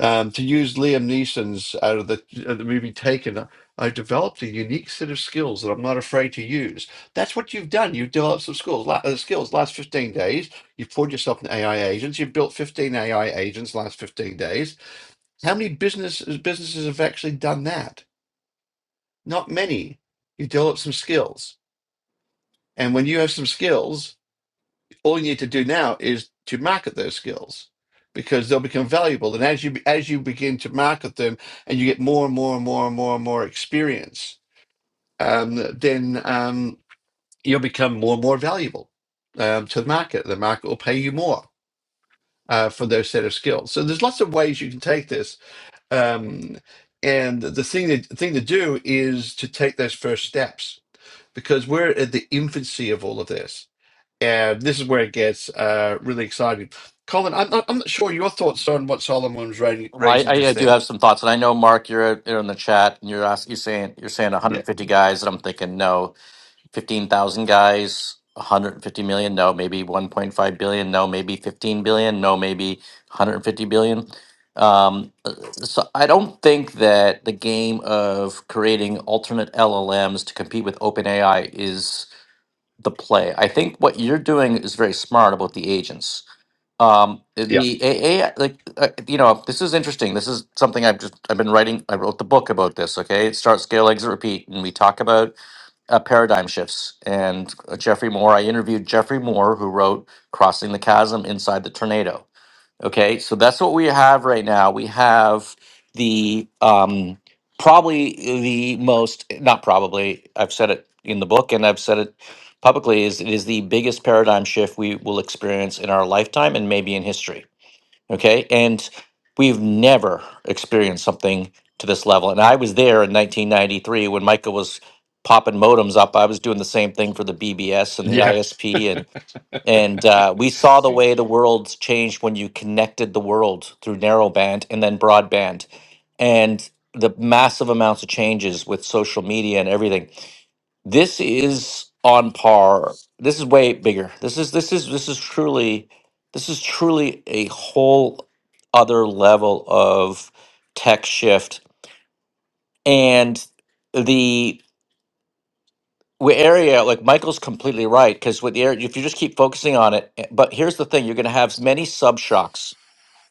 um, to use Liam Neeson's out of the, uh, the movie Taken, I developed a unique set of skills that I'm not afraid to use. That's what you've done. You've developed some skills, la- uh, skills last 15 days. You've poured yourself in AI agents. You've built 15 AI agents last 15 days. How many businesses businesses have actually done that? Not many. You develop some skills, and when you have some skills. all you need to do now is to market those skills because they'll become valuable and as you as you begin to market them and you get more and more and more and more and more experience um, then um, you'll become more and more valuable um, to the market the market will pay you more uh, for those set of skills so there's lots of ways you can take this um, and the thing that, the thing to do is to take those first steps because we're at the infancy of all of this yeah, this is where it gets uh, really exciting. Colin, I'm not, I'm not sure your thoughts on what Solomon was ra- I, I raising just do then. have some thoughts, and I know Mark, you're you're in the chat, and you're asking, you're saying you're saying Yeah, 150 guys, and I'm thinking no, 15,000 guys, 150 million, no, maybe 1.5 billion, no, maybe 15 billion, no, maybe 150 billion. Um, uh, so I don't think that the game of creating alternate LLMs to compete with OpenAI is the play. I think what you're doing is very smart about the agents um Yeah. the aa like uh, you know this is interesting this is something i've just i've been writing i wrote the book about this okay start scale exit repeat and we talk about uh, paradigm shifts and uh, jeffrey moore i interviewed jeffrey moore who wrote crossing the chasm inside the tornado Okay, so that's what we have right now. We have the um, probably the most, not probably, I've said it in the book and I've said it publicly, is it is the biggest paradigm shift we will experience in our lifetime and maybe in history. Okay, and we've never experienced something to this level. And I was there in 1993 when Michael was popping modems up. I was doing the same thing for the BBS and the ISP and uh, we saw the way the world's changed when you connected the world through narrowband and then broadband and the massive amounts of changes with social media and everything. This is on par. This is way bigger. This is this is this is truly this is truly a whole other level of tech shift. And the with area like michael's completely right because with the area if you just keep focusing on it eh, but here's the thing you're going to have many sub shocks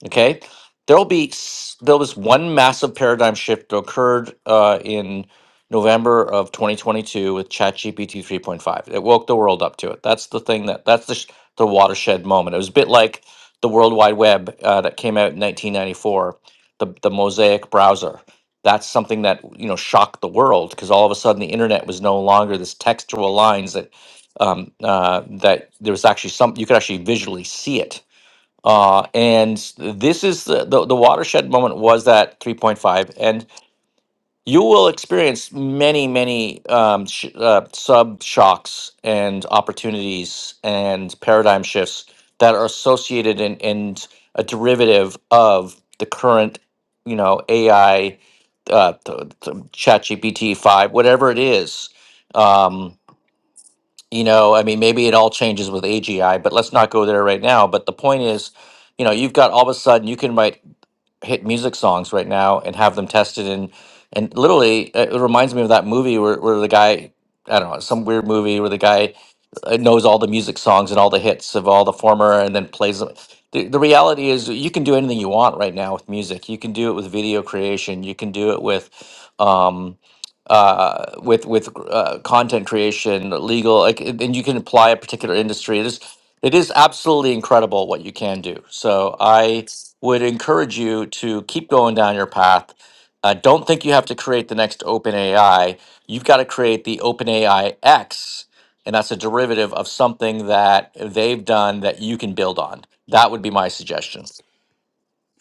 Okay, there'll be s- there was one massive paradigm shift that occurred uh, in November of 2022 with ChatGPT 3.5. It woke the world up to it. That's the thing that that's the sh- the watershed moment. It was a bit like the World Wide Web uh, that came out in 1994, the the Mosaic browser. That's something that you know shocked the world because all of a sudden the internet was no longer this textual lines that um, uh, that there was actually some you could actually visually see it uh, and this is the, the, the watershed moment was that 3.5. And you will experience many, many um, sh- uh, sub shocks and opportunities and paradigm shifts that are associated and and a derivative of the current, you know, AI, uh, th- th- ChatGPT 5, whatever it is. Um, you know, I mean, maybe it all changes with AGI, but let's not go there right now. But the point is, you know, you've got all of a sudden you can write hit music songs right now and have them tested and and literally uh, it reminds me of that movie where, where the guy i don't know some weird movie where the guy uh, knows all the music songs and all the hits of all the former and then plays them the, the reality is you can do anything you want right now with music you can do it with video creation you can do it with um uh with with uh, content creation legal like and and you can apply a particular industry it is it is absolutely incredible what you can do so I would encourage you to keep going down your path. Uh, don't think you have to create the next OpenAI. You've got to create the OpenAI X, and that's a derivative of something that they've done that you can build on. That would be my suggestion.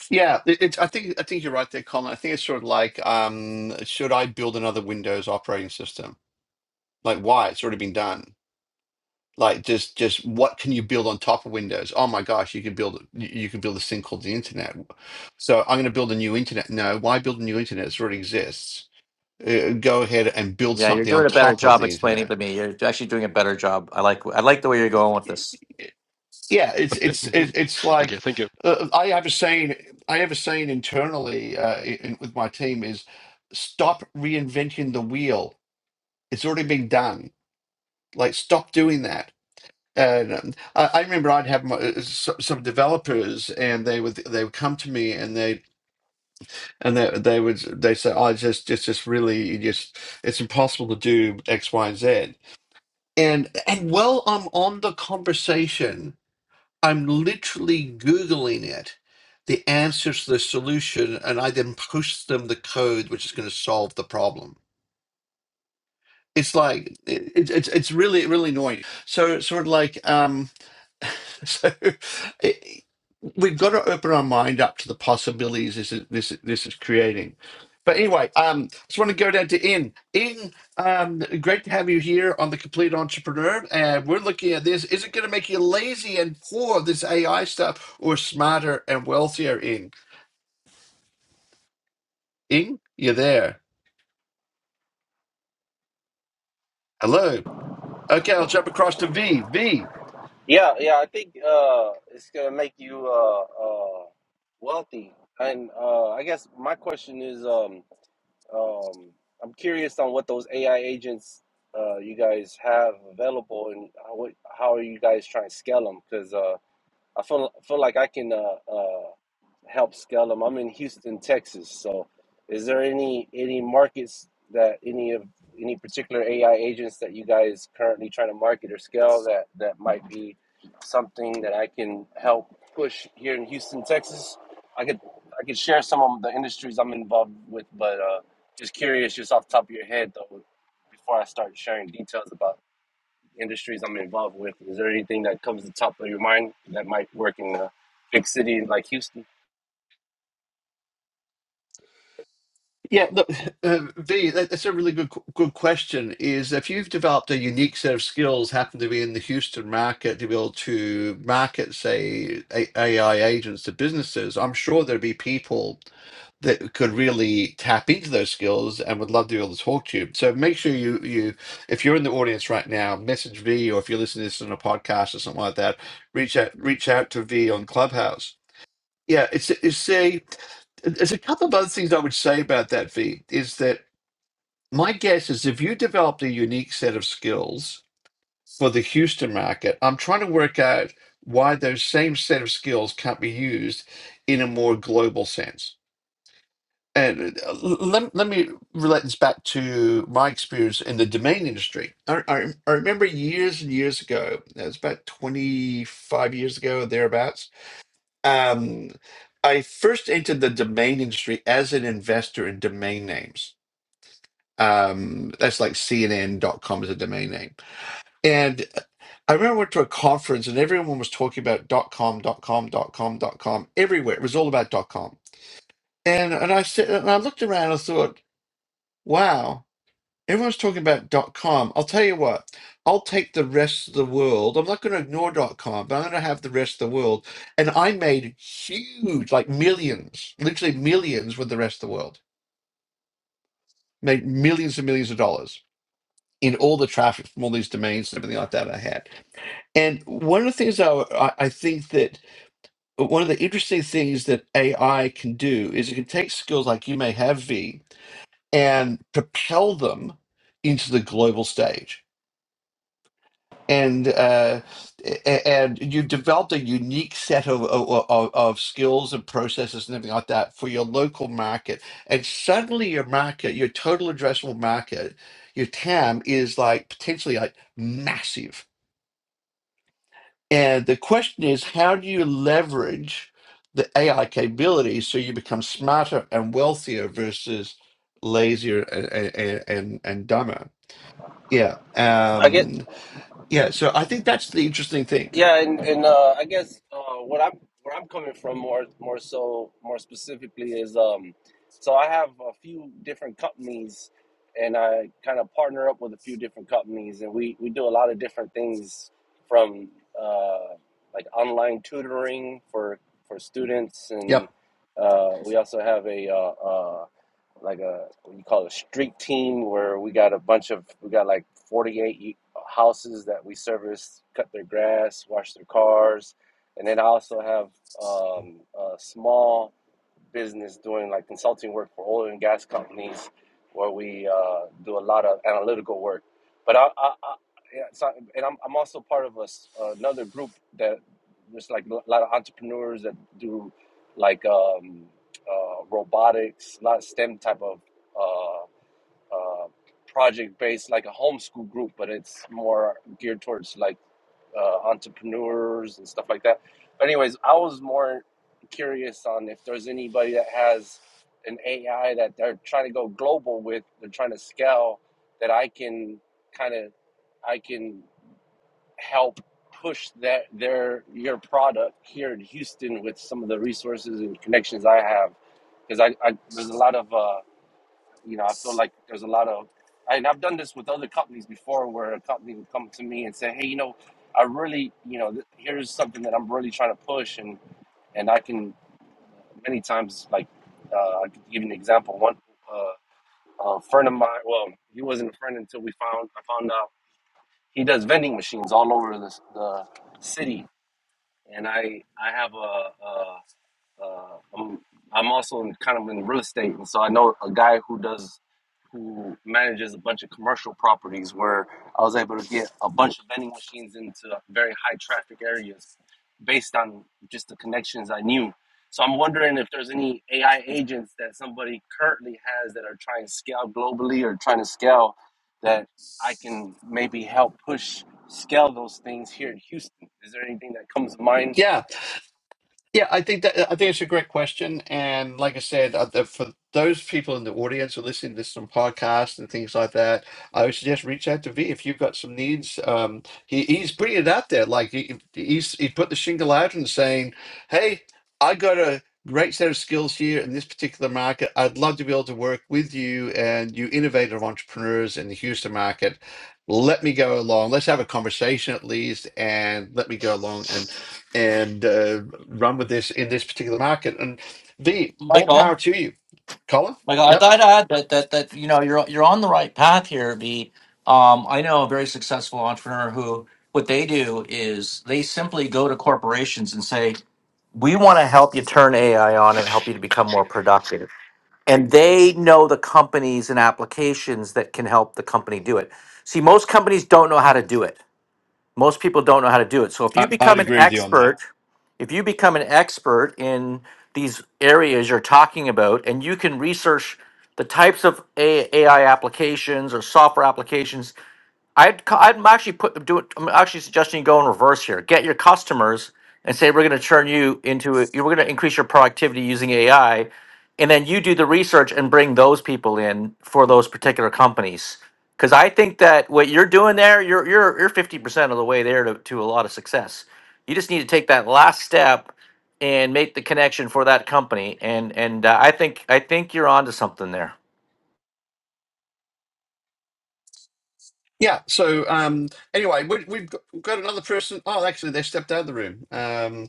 yeah. It, it's I think I think you're right there, Colin. I think it's sort of like, um, should I build another Windows operating system? Like, why? It's already been done. Like, just just what can you build on top of Windows? Oh my gosh, you could build you you could build this thing called the internet. So I'm going to build a new internet. No, why build a new internet? It already exists. Uh, go ahead and build Yeah, you're something on doing a better top of job the explaining it internet to me. You're actually doing a better job. I like I like the way you're going with this. yeah it's it's it- it's okay like thank you uh, i have a saying i have a saying internally uh, in, with my team is stop reinventing the wheel it's already been done like stop doing that and um, I, I remember I'd have my, uh, s- some developers, and they would they would come to me, and they and they they would they say, "I just just just really you just it's impossible to do X, Y, and Z." And and well, I'm on the conversation, I'm literally Googling it, the answers to the solution, and I then push them the code which is going to solve the problem. It's like it, it, it's it's really really annoying. So sort of like um so it, we've got to open our mind up to the possibilities this is this is- this is creating. But anyway, um, just want to go down to Ian. Ian, um, great to have you here on the Complete Entrepreneur. And we're looking at this. Is it going to make you lazy and poor this AI stuff, or smarter and wealthier? Ian, Ian, you're there. Hello. Okay, I'll jump across to V. V. Yeah, yeah, I think uh, it's gonna make you uh, uh, wealthy. And uh, I guess my question is, um, um, I'm curious on what those AI agents uh, you guys have available, and how, what, how are you guys trying to scale them? Because uh, I feel feel like I can uh, uh, help scale them. I'm in Houston, Texas. So, is there any any markets that any of any particular AI agents that you guys currently trying to market or scale that that might be something that I can help push here in Houston, Texas? I could I could share some of the industries I'm involved with, but uh, just curious, just off the top of your head though, before I start sharing details about industries I'm involved with. Is there anything that comes to the top of your mind that might work in a big city like Houston? Yeah, look, uh, V, that, that's a really good q- good question. Is if you've developed a unique set of skills, happen to be in the Houston market, to be able to market, say, A- AI agents to businesses, I'm sure there'd be people that could really tap into those skills and would love to be able to talk to you. So make sure you you, if you're in the audience right now, message V, or if you're listening to this on a podcast or something like that, reach out reach out to V on Clubhouse yeah, it's it's say there's a couple of other things I would say about that, V, is that my guess is if you developed a unique set of skills for the Houston market, I'm trying to work out why those same set of skills can't be used in a more global sense. And uh, l- let, let me relate this back to my experience in the domain industry. I, I, I remember years and years ago, it was about 25 years ago, thereabouts um, I first entered the domain industry as an investor in domain names. Um, that's like CNN dot com is a domain name. And I remember I went to a conference and everyone was talking about dot .com, dot .com, dot .com, dot .com everywhere. It was all about dot .com. And and I said, and I looked around and I thought, wow. Everyone's talking about dot com. I'll tell you what, I'll take the rest of the world. I'm not going to ignore dot com, but I'm going to have the rest of the world. And I made huge, like millions, literally millions with the rest of the world. Made millions and millions of dollars in all the traffic from all these domains and everything like that I had. And one of the things I, I I think that one of the interesting things that AI can do is it can take skills like you may have, V, and propel them into the global stage and uh, a- and you developed a unique set of, of of of skills and processes and everything like that for your local market, and suddenly your market, your total addressable market, your TAM is like potentially like massive. And the question is, how do you leverage the AI capabilities so you become smarter and wealthier versus lazier and and and, and dumber? Yeah. I get Um, yeah. So I think that's the interesting thing. yeah, and, and uh, I guess uh, what I'm where I'm coming from more more so more specifically is um, so I have a few different companies, and I kind of partner up with a few different companies, and we we do a lot of different things from uh, like online tutoring for for students Yep. and uh, we also have a uh, uh, like a what you call it, a street team where we got a bunch of we got like 48 houses that we service, cut their grass, wash their cars, and then I also have um, a small business doing like consulting work for oil and gas companies, where we uh, do a lot of analytical work. But I, I, I yeah, it's not, and I'm, I'm also part of a s another group that there's like a lot of entrepreneurs that do like um, uh, robotics, a lot of STEM type of uh, uh, project based, like a homeschool group, but it's more geared towards like uh, entrepreneurs and stuff like that. But anyways, I was more curious on if there's anybody that has an AI that they're trying to go global with, they're trying to scale that I can kind of I can help push that their your product here in Houston with some of the resources and connections I have because I, I there's a lot of uh, you know, I feel like there's a lot of, and I've done this with other companies before, where a company would come to me and say, "Hey, you know, I really, you know, th- here's something that I'm really trying to push," and and I can many times, like, uh, I could give you an example. One uh, a friend of mine, well, he wasn't a friend until we found I found out he does vending machines all over the, the city, and I I have a, uh, I'm I'm also in, kind of in real estate, and so I know a guy who does who manages a bunch of commercial properties where I was able to get a bunch of vending machines into very high traffic areas based on just the connections I knew. So I'm wondering if there's any AI agents that somebody currently has that are trying to scale globally or trying to scale that I can maybe help push scale those things here in Houston. Is there anything that comes to mind Yeah, yeah, I think that I think it's a great question, and like I said, uh, the- for those people in the audience who are listening to this on podcast and things like that, I would suggest reach out to V if you've got some needs. Um, he, he's putting it out there, like he, he's he put the shingle out and saying, "Hey, I got a great set of skills here in this particular market. I'd love to be able to work with you and you innovative entrepreneurs in the Houston market." Let me go along. Let's have a conversation at least, and let me go along and." and uh, run with this in this particular market. And V, all power Michael, to you, Colin. Like I Yep. thought I'd add that that that you know you're you're on the right path here. B. Um, I know a very successful entrepreneur who what they do is they simply go to corporations and say, "We want to help you turn AI on and help you to become more productive." And they know the companies and applications that can help the company do it. See, most companies don't know how to do it most people don't know how to do it. So if you I, I'd become an agree with you on that. expert, if you become an expert in these areas you're talking about, and you can research the types of AI applications or software applications I'd co- I'd actually put do it. I'm actually suggesting you go in reverse here. Get your customers and say we're going to turn you into a, we're going to increase your productivity using AI, and then you do the research and bring those people in for those particular companies. Because I think that what you're doing there, you're you're you're fifty percent of the way there to, to a lot of success. You just need to take that last step and make the connection for that company. And and uh, I think I think you're onto something there. Yeah. So um, anyway, we, we've got, we've got another person. Oh, actually, they stepped out of the room um,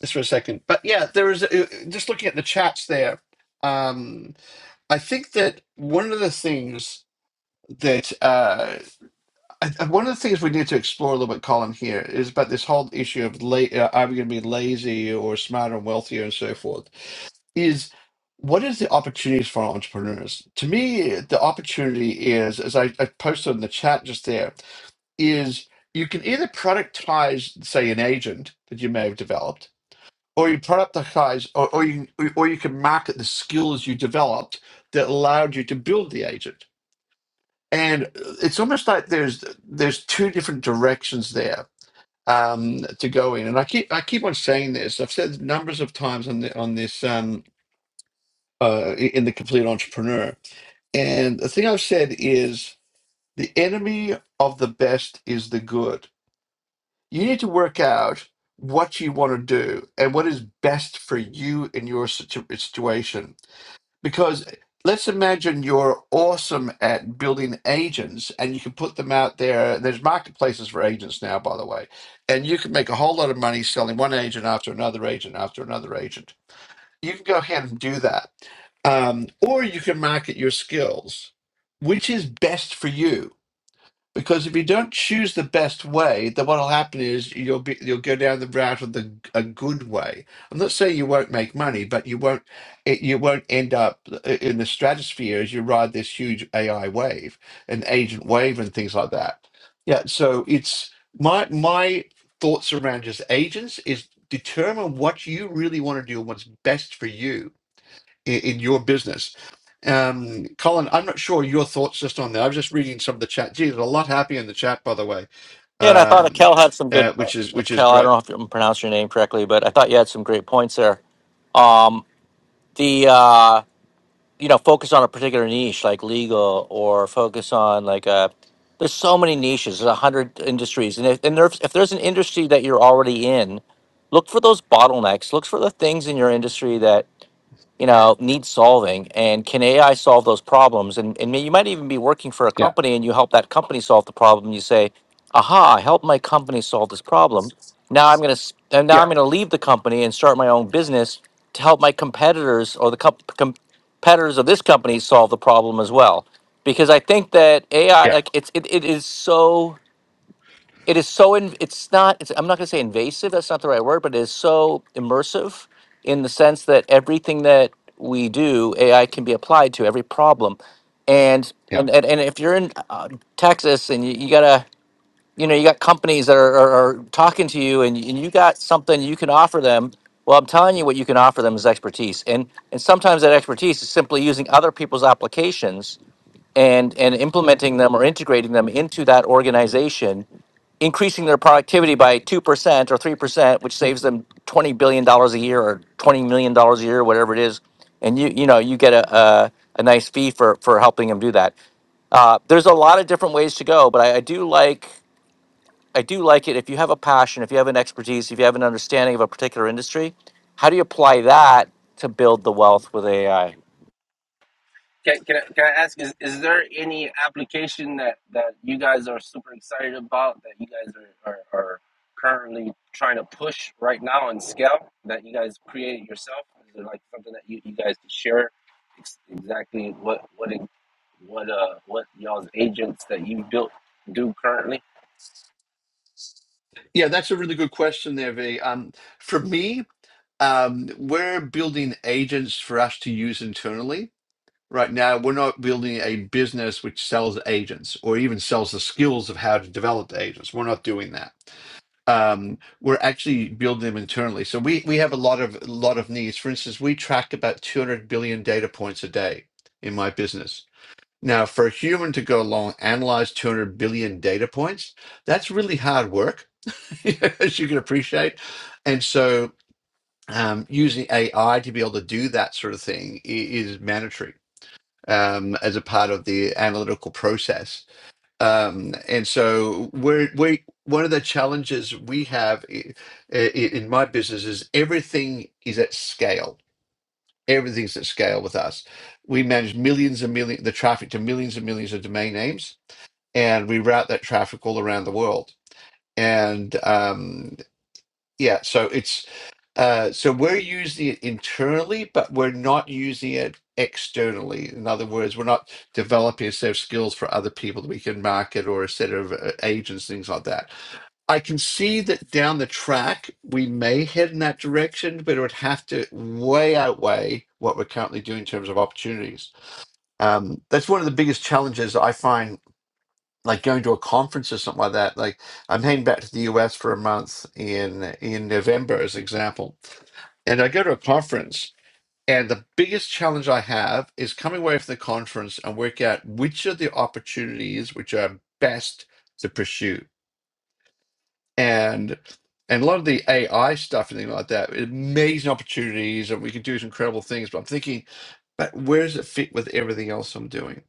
just for a second. But yeah, there is uh, just looking at the chats there. Um, I think that one of the things that uh, I, I- one of the things we need to explore a little bit, Colin, here is about this whole issue of la- uh, are we going to be lazy or smarter and wealthier and so forth. is what is the opportunities for entrepreneurs? To me, the opportunity is, as I, I posted in the chat just there, is you can either productize, say, an agent that you may have developed, or you productize, or, or you or you can market the skills you developed that allowed you to build the agent. And it's almost like there's there's two different directions there um, to go in. And I keep I keep on saying this. I've said numbers of times on the, on this. um, uh, in the complete entrepreneur. And the thing I've said is the enemy of the best is the good. You need to work out what you want to do and what is best for you in your situ- situation. Because let's imagine you're awesome at building agents and you can put them out there. There's marketplaces for agents now, by the way. And you can make a whole lot of money selling one agent after another agent after another agent you can go ahead and do that. Um, or you can market your skills, which is best for you. Because if you don't choose the best way, then what will happen is you'll be you'll go down the route of the a good way. I'm not saying you won't make money, but you won't it, you won't end up i- in the stratosphere as you ride this huge AI wave and agent wave and things like that. Yeah, so it's my my thoughts around just agents is determine what you really want to do and what's best for you in, in your business. Um, Colin, I'm not sure your thoughts just on that. I was just reading some of the chat. Gee, there's a lot happy in the chat, by the way, Yeah, and I thought um, Kel had some good. uh, which is which is Kel, I great. don't know if I'm pronouncing your name correctly, but I thought you had some great points there. Um, the uh, you know focus on a particular niche like legal, or focus on like uh There's so many niches. There's a hundred industries, and if and there's, if there's an industry that you're already in, look for those bottlenecks. Look for the things in your industry that you know need solving and can ai solve those problems and, and you might even be working for a Yeah, company and you help that company solve the problem you say aha i helped my company solve this problem now i'm going to and now yeah, i'm going to leave the company and start my own business to help my competitors or the comp- com- competitors of this company solve the problem as well because i think that ai yeah, like it's it, it is so it is so in, it's not it's, i'm not going to say invasive that's not the right word but it is so immersive in the sense that everything that we do ai can be applied to every problem and yeah, and and, and if you're in uh, texas and you, you gotta you know you got companies that are, are, are talking to you and, and you got something you can offer them well i'm telling you what you can offer them is expertise and and sometimes that expertise is simply using other people's applications and and implementing them or integrating them into that organization increasing their productivity by 2% or 3% which saves them $20 billion dollars a year or $20 million dollars a year whatever it is and you you know you get a, a, a nice fee for for helping them do that uh, there's a lot of different ways to go but i, I do like I do like it if you have a passion, if you have an expertise, if you have an understanding of a particular industry, how do you apply that to build the wealth with AI? Can, can, I, can I ask, is, is there any application that, that you guys are super excited about that you guys are, are, are currently trying to push right now and scale that you guys created yourself? Is it like something that you, you guys could share ex- exactly what what it, what uh what y'all's agents that you built do currently? yeah. That's a really good question there, V. Um, for me, um, we're building agents for us to use internally. Right now, we're not building a business which sells agents or even sells the skills of how to develop the agents. We're not doing that um, we're actually building them internally. So we we have a lot of a lot of needs. For instance, we track about 200 billion data points a day in my business. Now, for a human to go along analyze 200 billion data points, that's really hard work, as you can appreciate. And so, um, using AI to be able to do that sort of thing i- is mandatory um, as a part of the analytical process. Um, and so we're we one of the challenges we have i- i- in my business is everything is at scale. Everything's at scale with us. We manage millions and million the traffic to millions and millions of domain names, and we route that traffic all around the world. And um, yeah, so it's uh, so we're using it internally, but we're not using it externally. In other words, we're not developing a set of skills for other people that we can market or a set of uh, agents, things like that. I can see that down the track we may head in that direction, but it would have to way outweigh what we're currently doing in terms of opportunities. Um, that's one of the biggest challenges that I find, like going to a conference or something like that. Like I'm heading back to the US for a month in in November, as an example and I go to a conference, and the biggest challenge I have is coming away from the conference and work out which are the opportunities which are best to pursue. And and a lot of the AI stuff and things like that, amazing opportunities, and we can do some incredible things. But I'm thinking, but where does it fit with everything else I'm doing?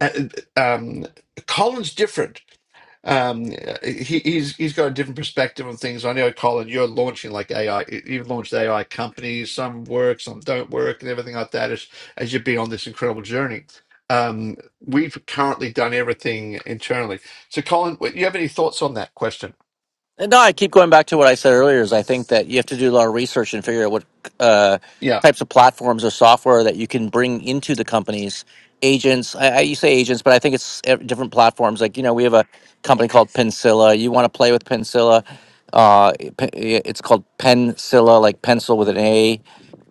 Uh, um, Colin's different um, he, he's he's got a different perspective on things. I know, Colin, you're launching like AI. You've launched AI companies. Some work, some don't work, and everything like that. As as you've been on this incredible journey, um, we've currently done everything internally. So, Colin, do you have any thoughts on that question? And No, I keep going back to what I said earlier. Is I think that you have to do a lot of research and figure out what uh, Yeah, types of platforms or software that you can bring into the companies. Agents, I, I, you say agents, but I think it's ev- different platforms. Like you know, we have a company called Pensilla. You want to play with Pensilla? Uh, it- pe- yeah, it's called Pensilla, like pencil with an A,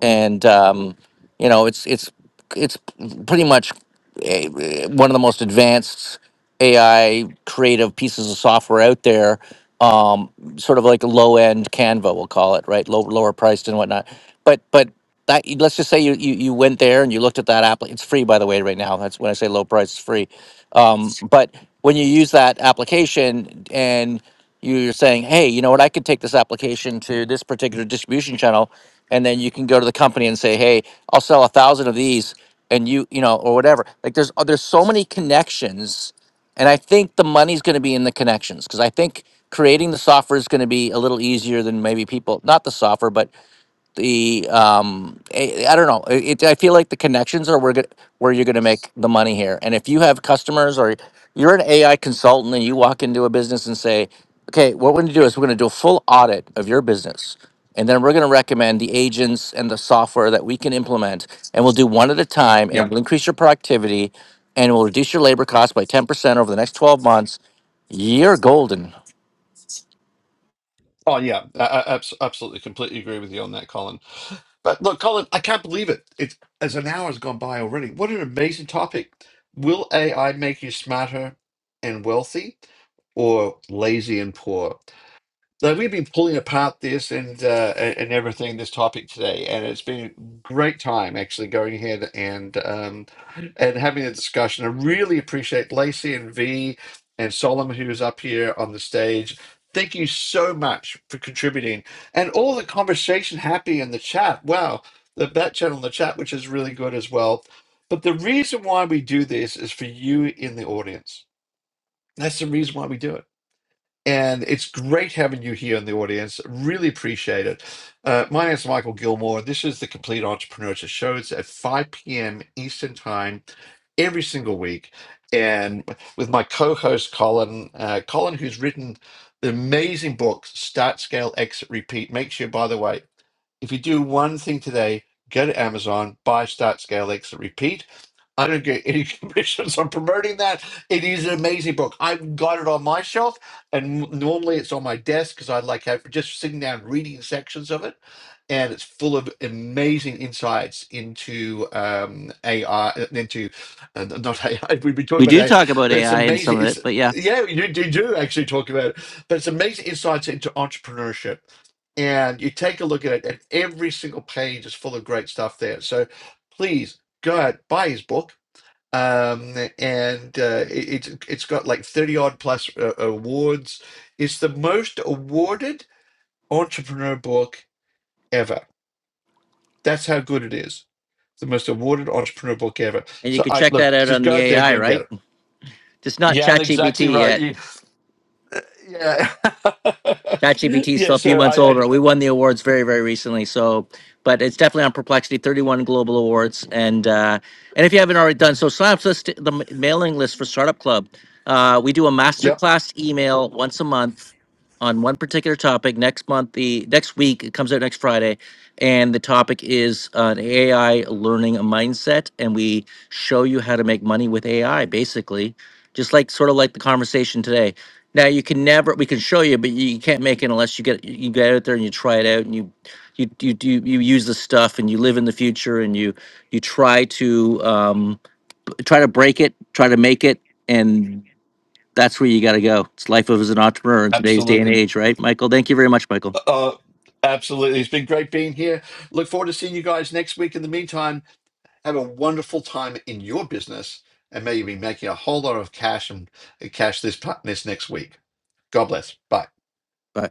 and um, you know, it's it's it's pretty much a- one of the most advanced AI creative pieces of software out there. Um, sort of like low end Canva, we'll call it, right? Low, lower priced and whatnot. But but that let's just say you, you you went there and you looked at that app. It's free, by the way, right now. That's when I say low price, it's free. Um, but when you use that application and you're saying, hey, you know what? I could take this application to this particular distribution channel, and then you can go to the company and say, hey, I'll sell a thousand of these and you you know or whatever like there's oh, there's so many connections and i think the money's going to be in the connections because i think creating the software is going to be a little easier than maybe people not the software but the um I, I don't know it, i feel like the connections are where, go- where you're going to make the money here and if you have customers or you're an ai consultant and you walk into a business and say okay what we're going to do is we're going to do a full audit of your business and then we're going to recommend the agents and the software that we can implement and we'll do one at a time yeah. and we'll increase your productivity and we'll reduce your labor costs by 10% over the next 12 months you're golden Oh, yeah. I, I abs- absolutely, completely agree with you on that, Colin. But look, Colin, I can't believe it. It's as an hour has gone by already. What an amazing topic. Will AI make you smarter and wealthy or lazy and poor? So we've been pulling apart this and uh, a- and everything this topic today, and it's been a great time actually going ahead and um, and having a discussion. I really appreciate Lacey and V and Solomon who is up here on the stage. Thank you so much for contributing and all the conversation happy in the chat. Wow, the back channel in the chat, which is really good as well. But the reason why we do this is for you in the audience. That's the reason why we do it and it's great having you here in the audience. Really appreciate it. Uh, my name is Michael Gilmore. This is the Complete Entrepreneurship Show. It's at 5 p.m. Eastern Time every single week. And with my co host, Colin, uh, Colin, who's written the amazing book, Start, Scale, Exit, Repeat. Make sure, by the way, if you do one thing today, go to Amazon, buy Start Scale Exit Repeat. I don't get any commissions on promoting that. It is an amazing book. I've got it on my shelf, and m- normally it's on my desk because I like have, just sitting down reading sections of it. And it's full of amazing insights into um, AI, uh, into uh, not AI. We've been we talking about do AI, talk about but it's ai in some amazing. of It's it but yeah yeah, you do, you do actually talk about it, but it's amazing insights into entrepreneurship and you take a look at it, and every single page is full of great stuff there. So please go out, buy his book. Um, and uh, it, it's it's got like 30 odd plus uh, awards. It's the most awarded entrepreneur book ever. That's how good it is. The most awarded entrepreneur book ever. and you So can I check look, that out just on go the out there and go ai and right get it. It's not Yeah, that's exactly ChatGPT right. yet. You, yeah, ChatGPT is yeah. still a few So months I, I, older. We won the awards very, very recently. So, but it's definitely on Perplexity, 31 global awards. And uh, and if you haven't already done so, sign up to the, st- the m- mailing list for Startup Club. Uh, we do a yep, masterclass email once a month on one particular topic. Next month, the next week, it comes out next Friday, and the topic is an AI learning mindset. And we show you how to make money with AI, basically, just like sort of like the conversation today. Now you can never. We can show you, but you can't make it unless you get you get out there and you try it out and you you you do you use the stuff and you live in the future and you you try to um, b- try to break it, try to make it, and that's where you got to go. It's life of as an entrepreneur in today's day and absolutely. age, right, Michael? Thank you very much, Michael. Uh, absolutely. It's been great being here. Look forward to seeing you guys next week. In the meantime, have a wonderful time in your business, and may you be making a whole lot of cash and uh, cash this this next week. God bless. Bye. Bye.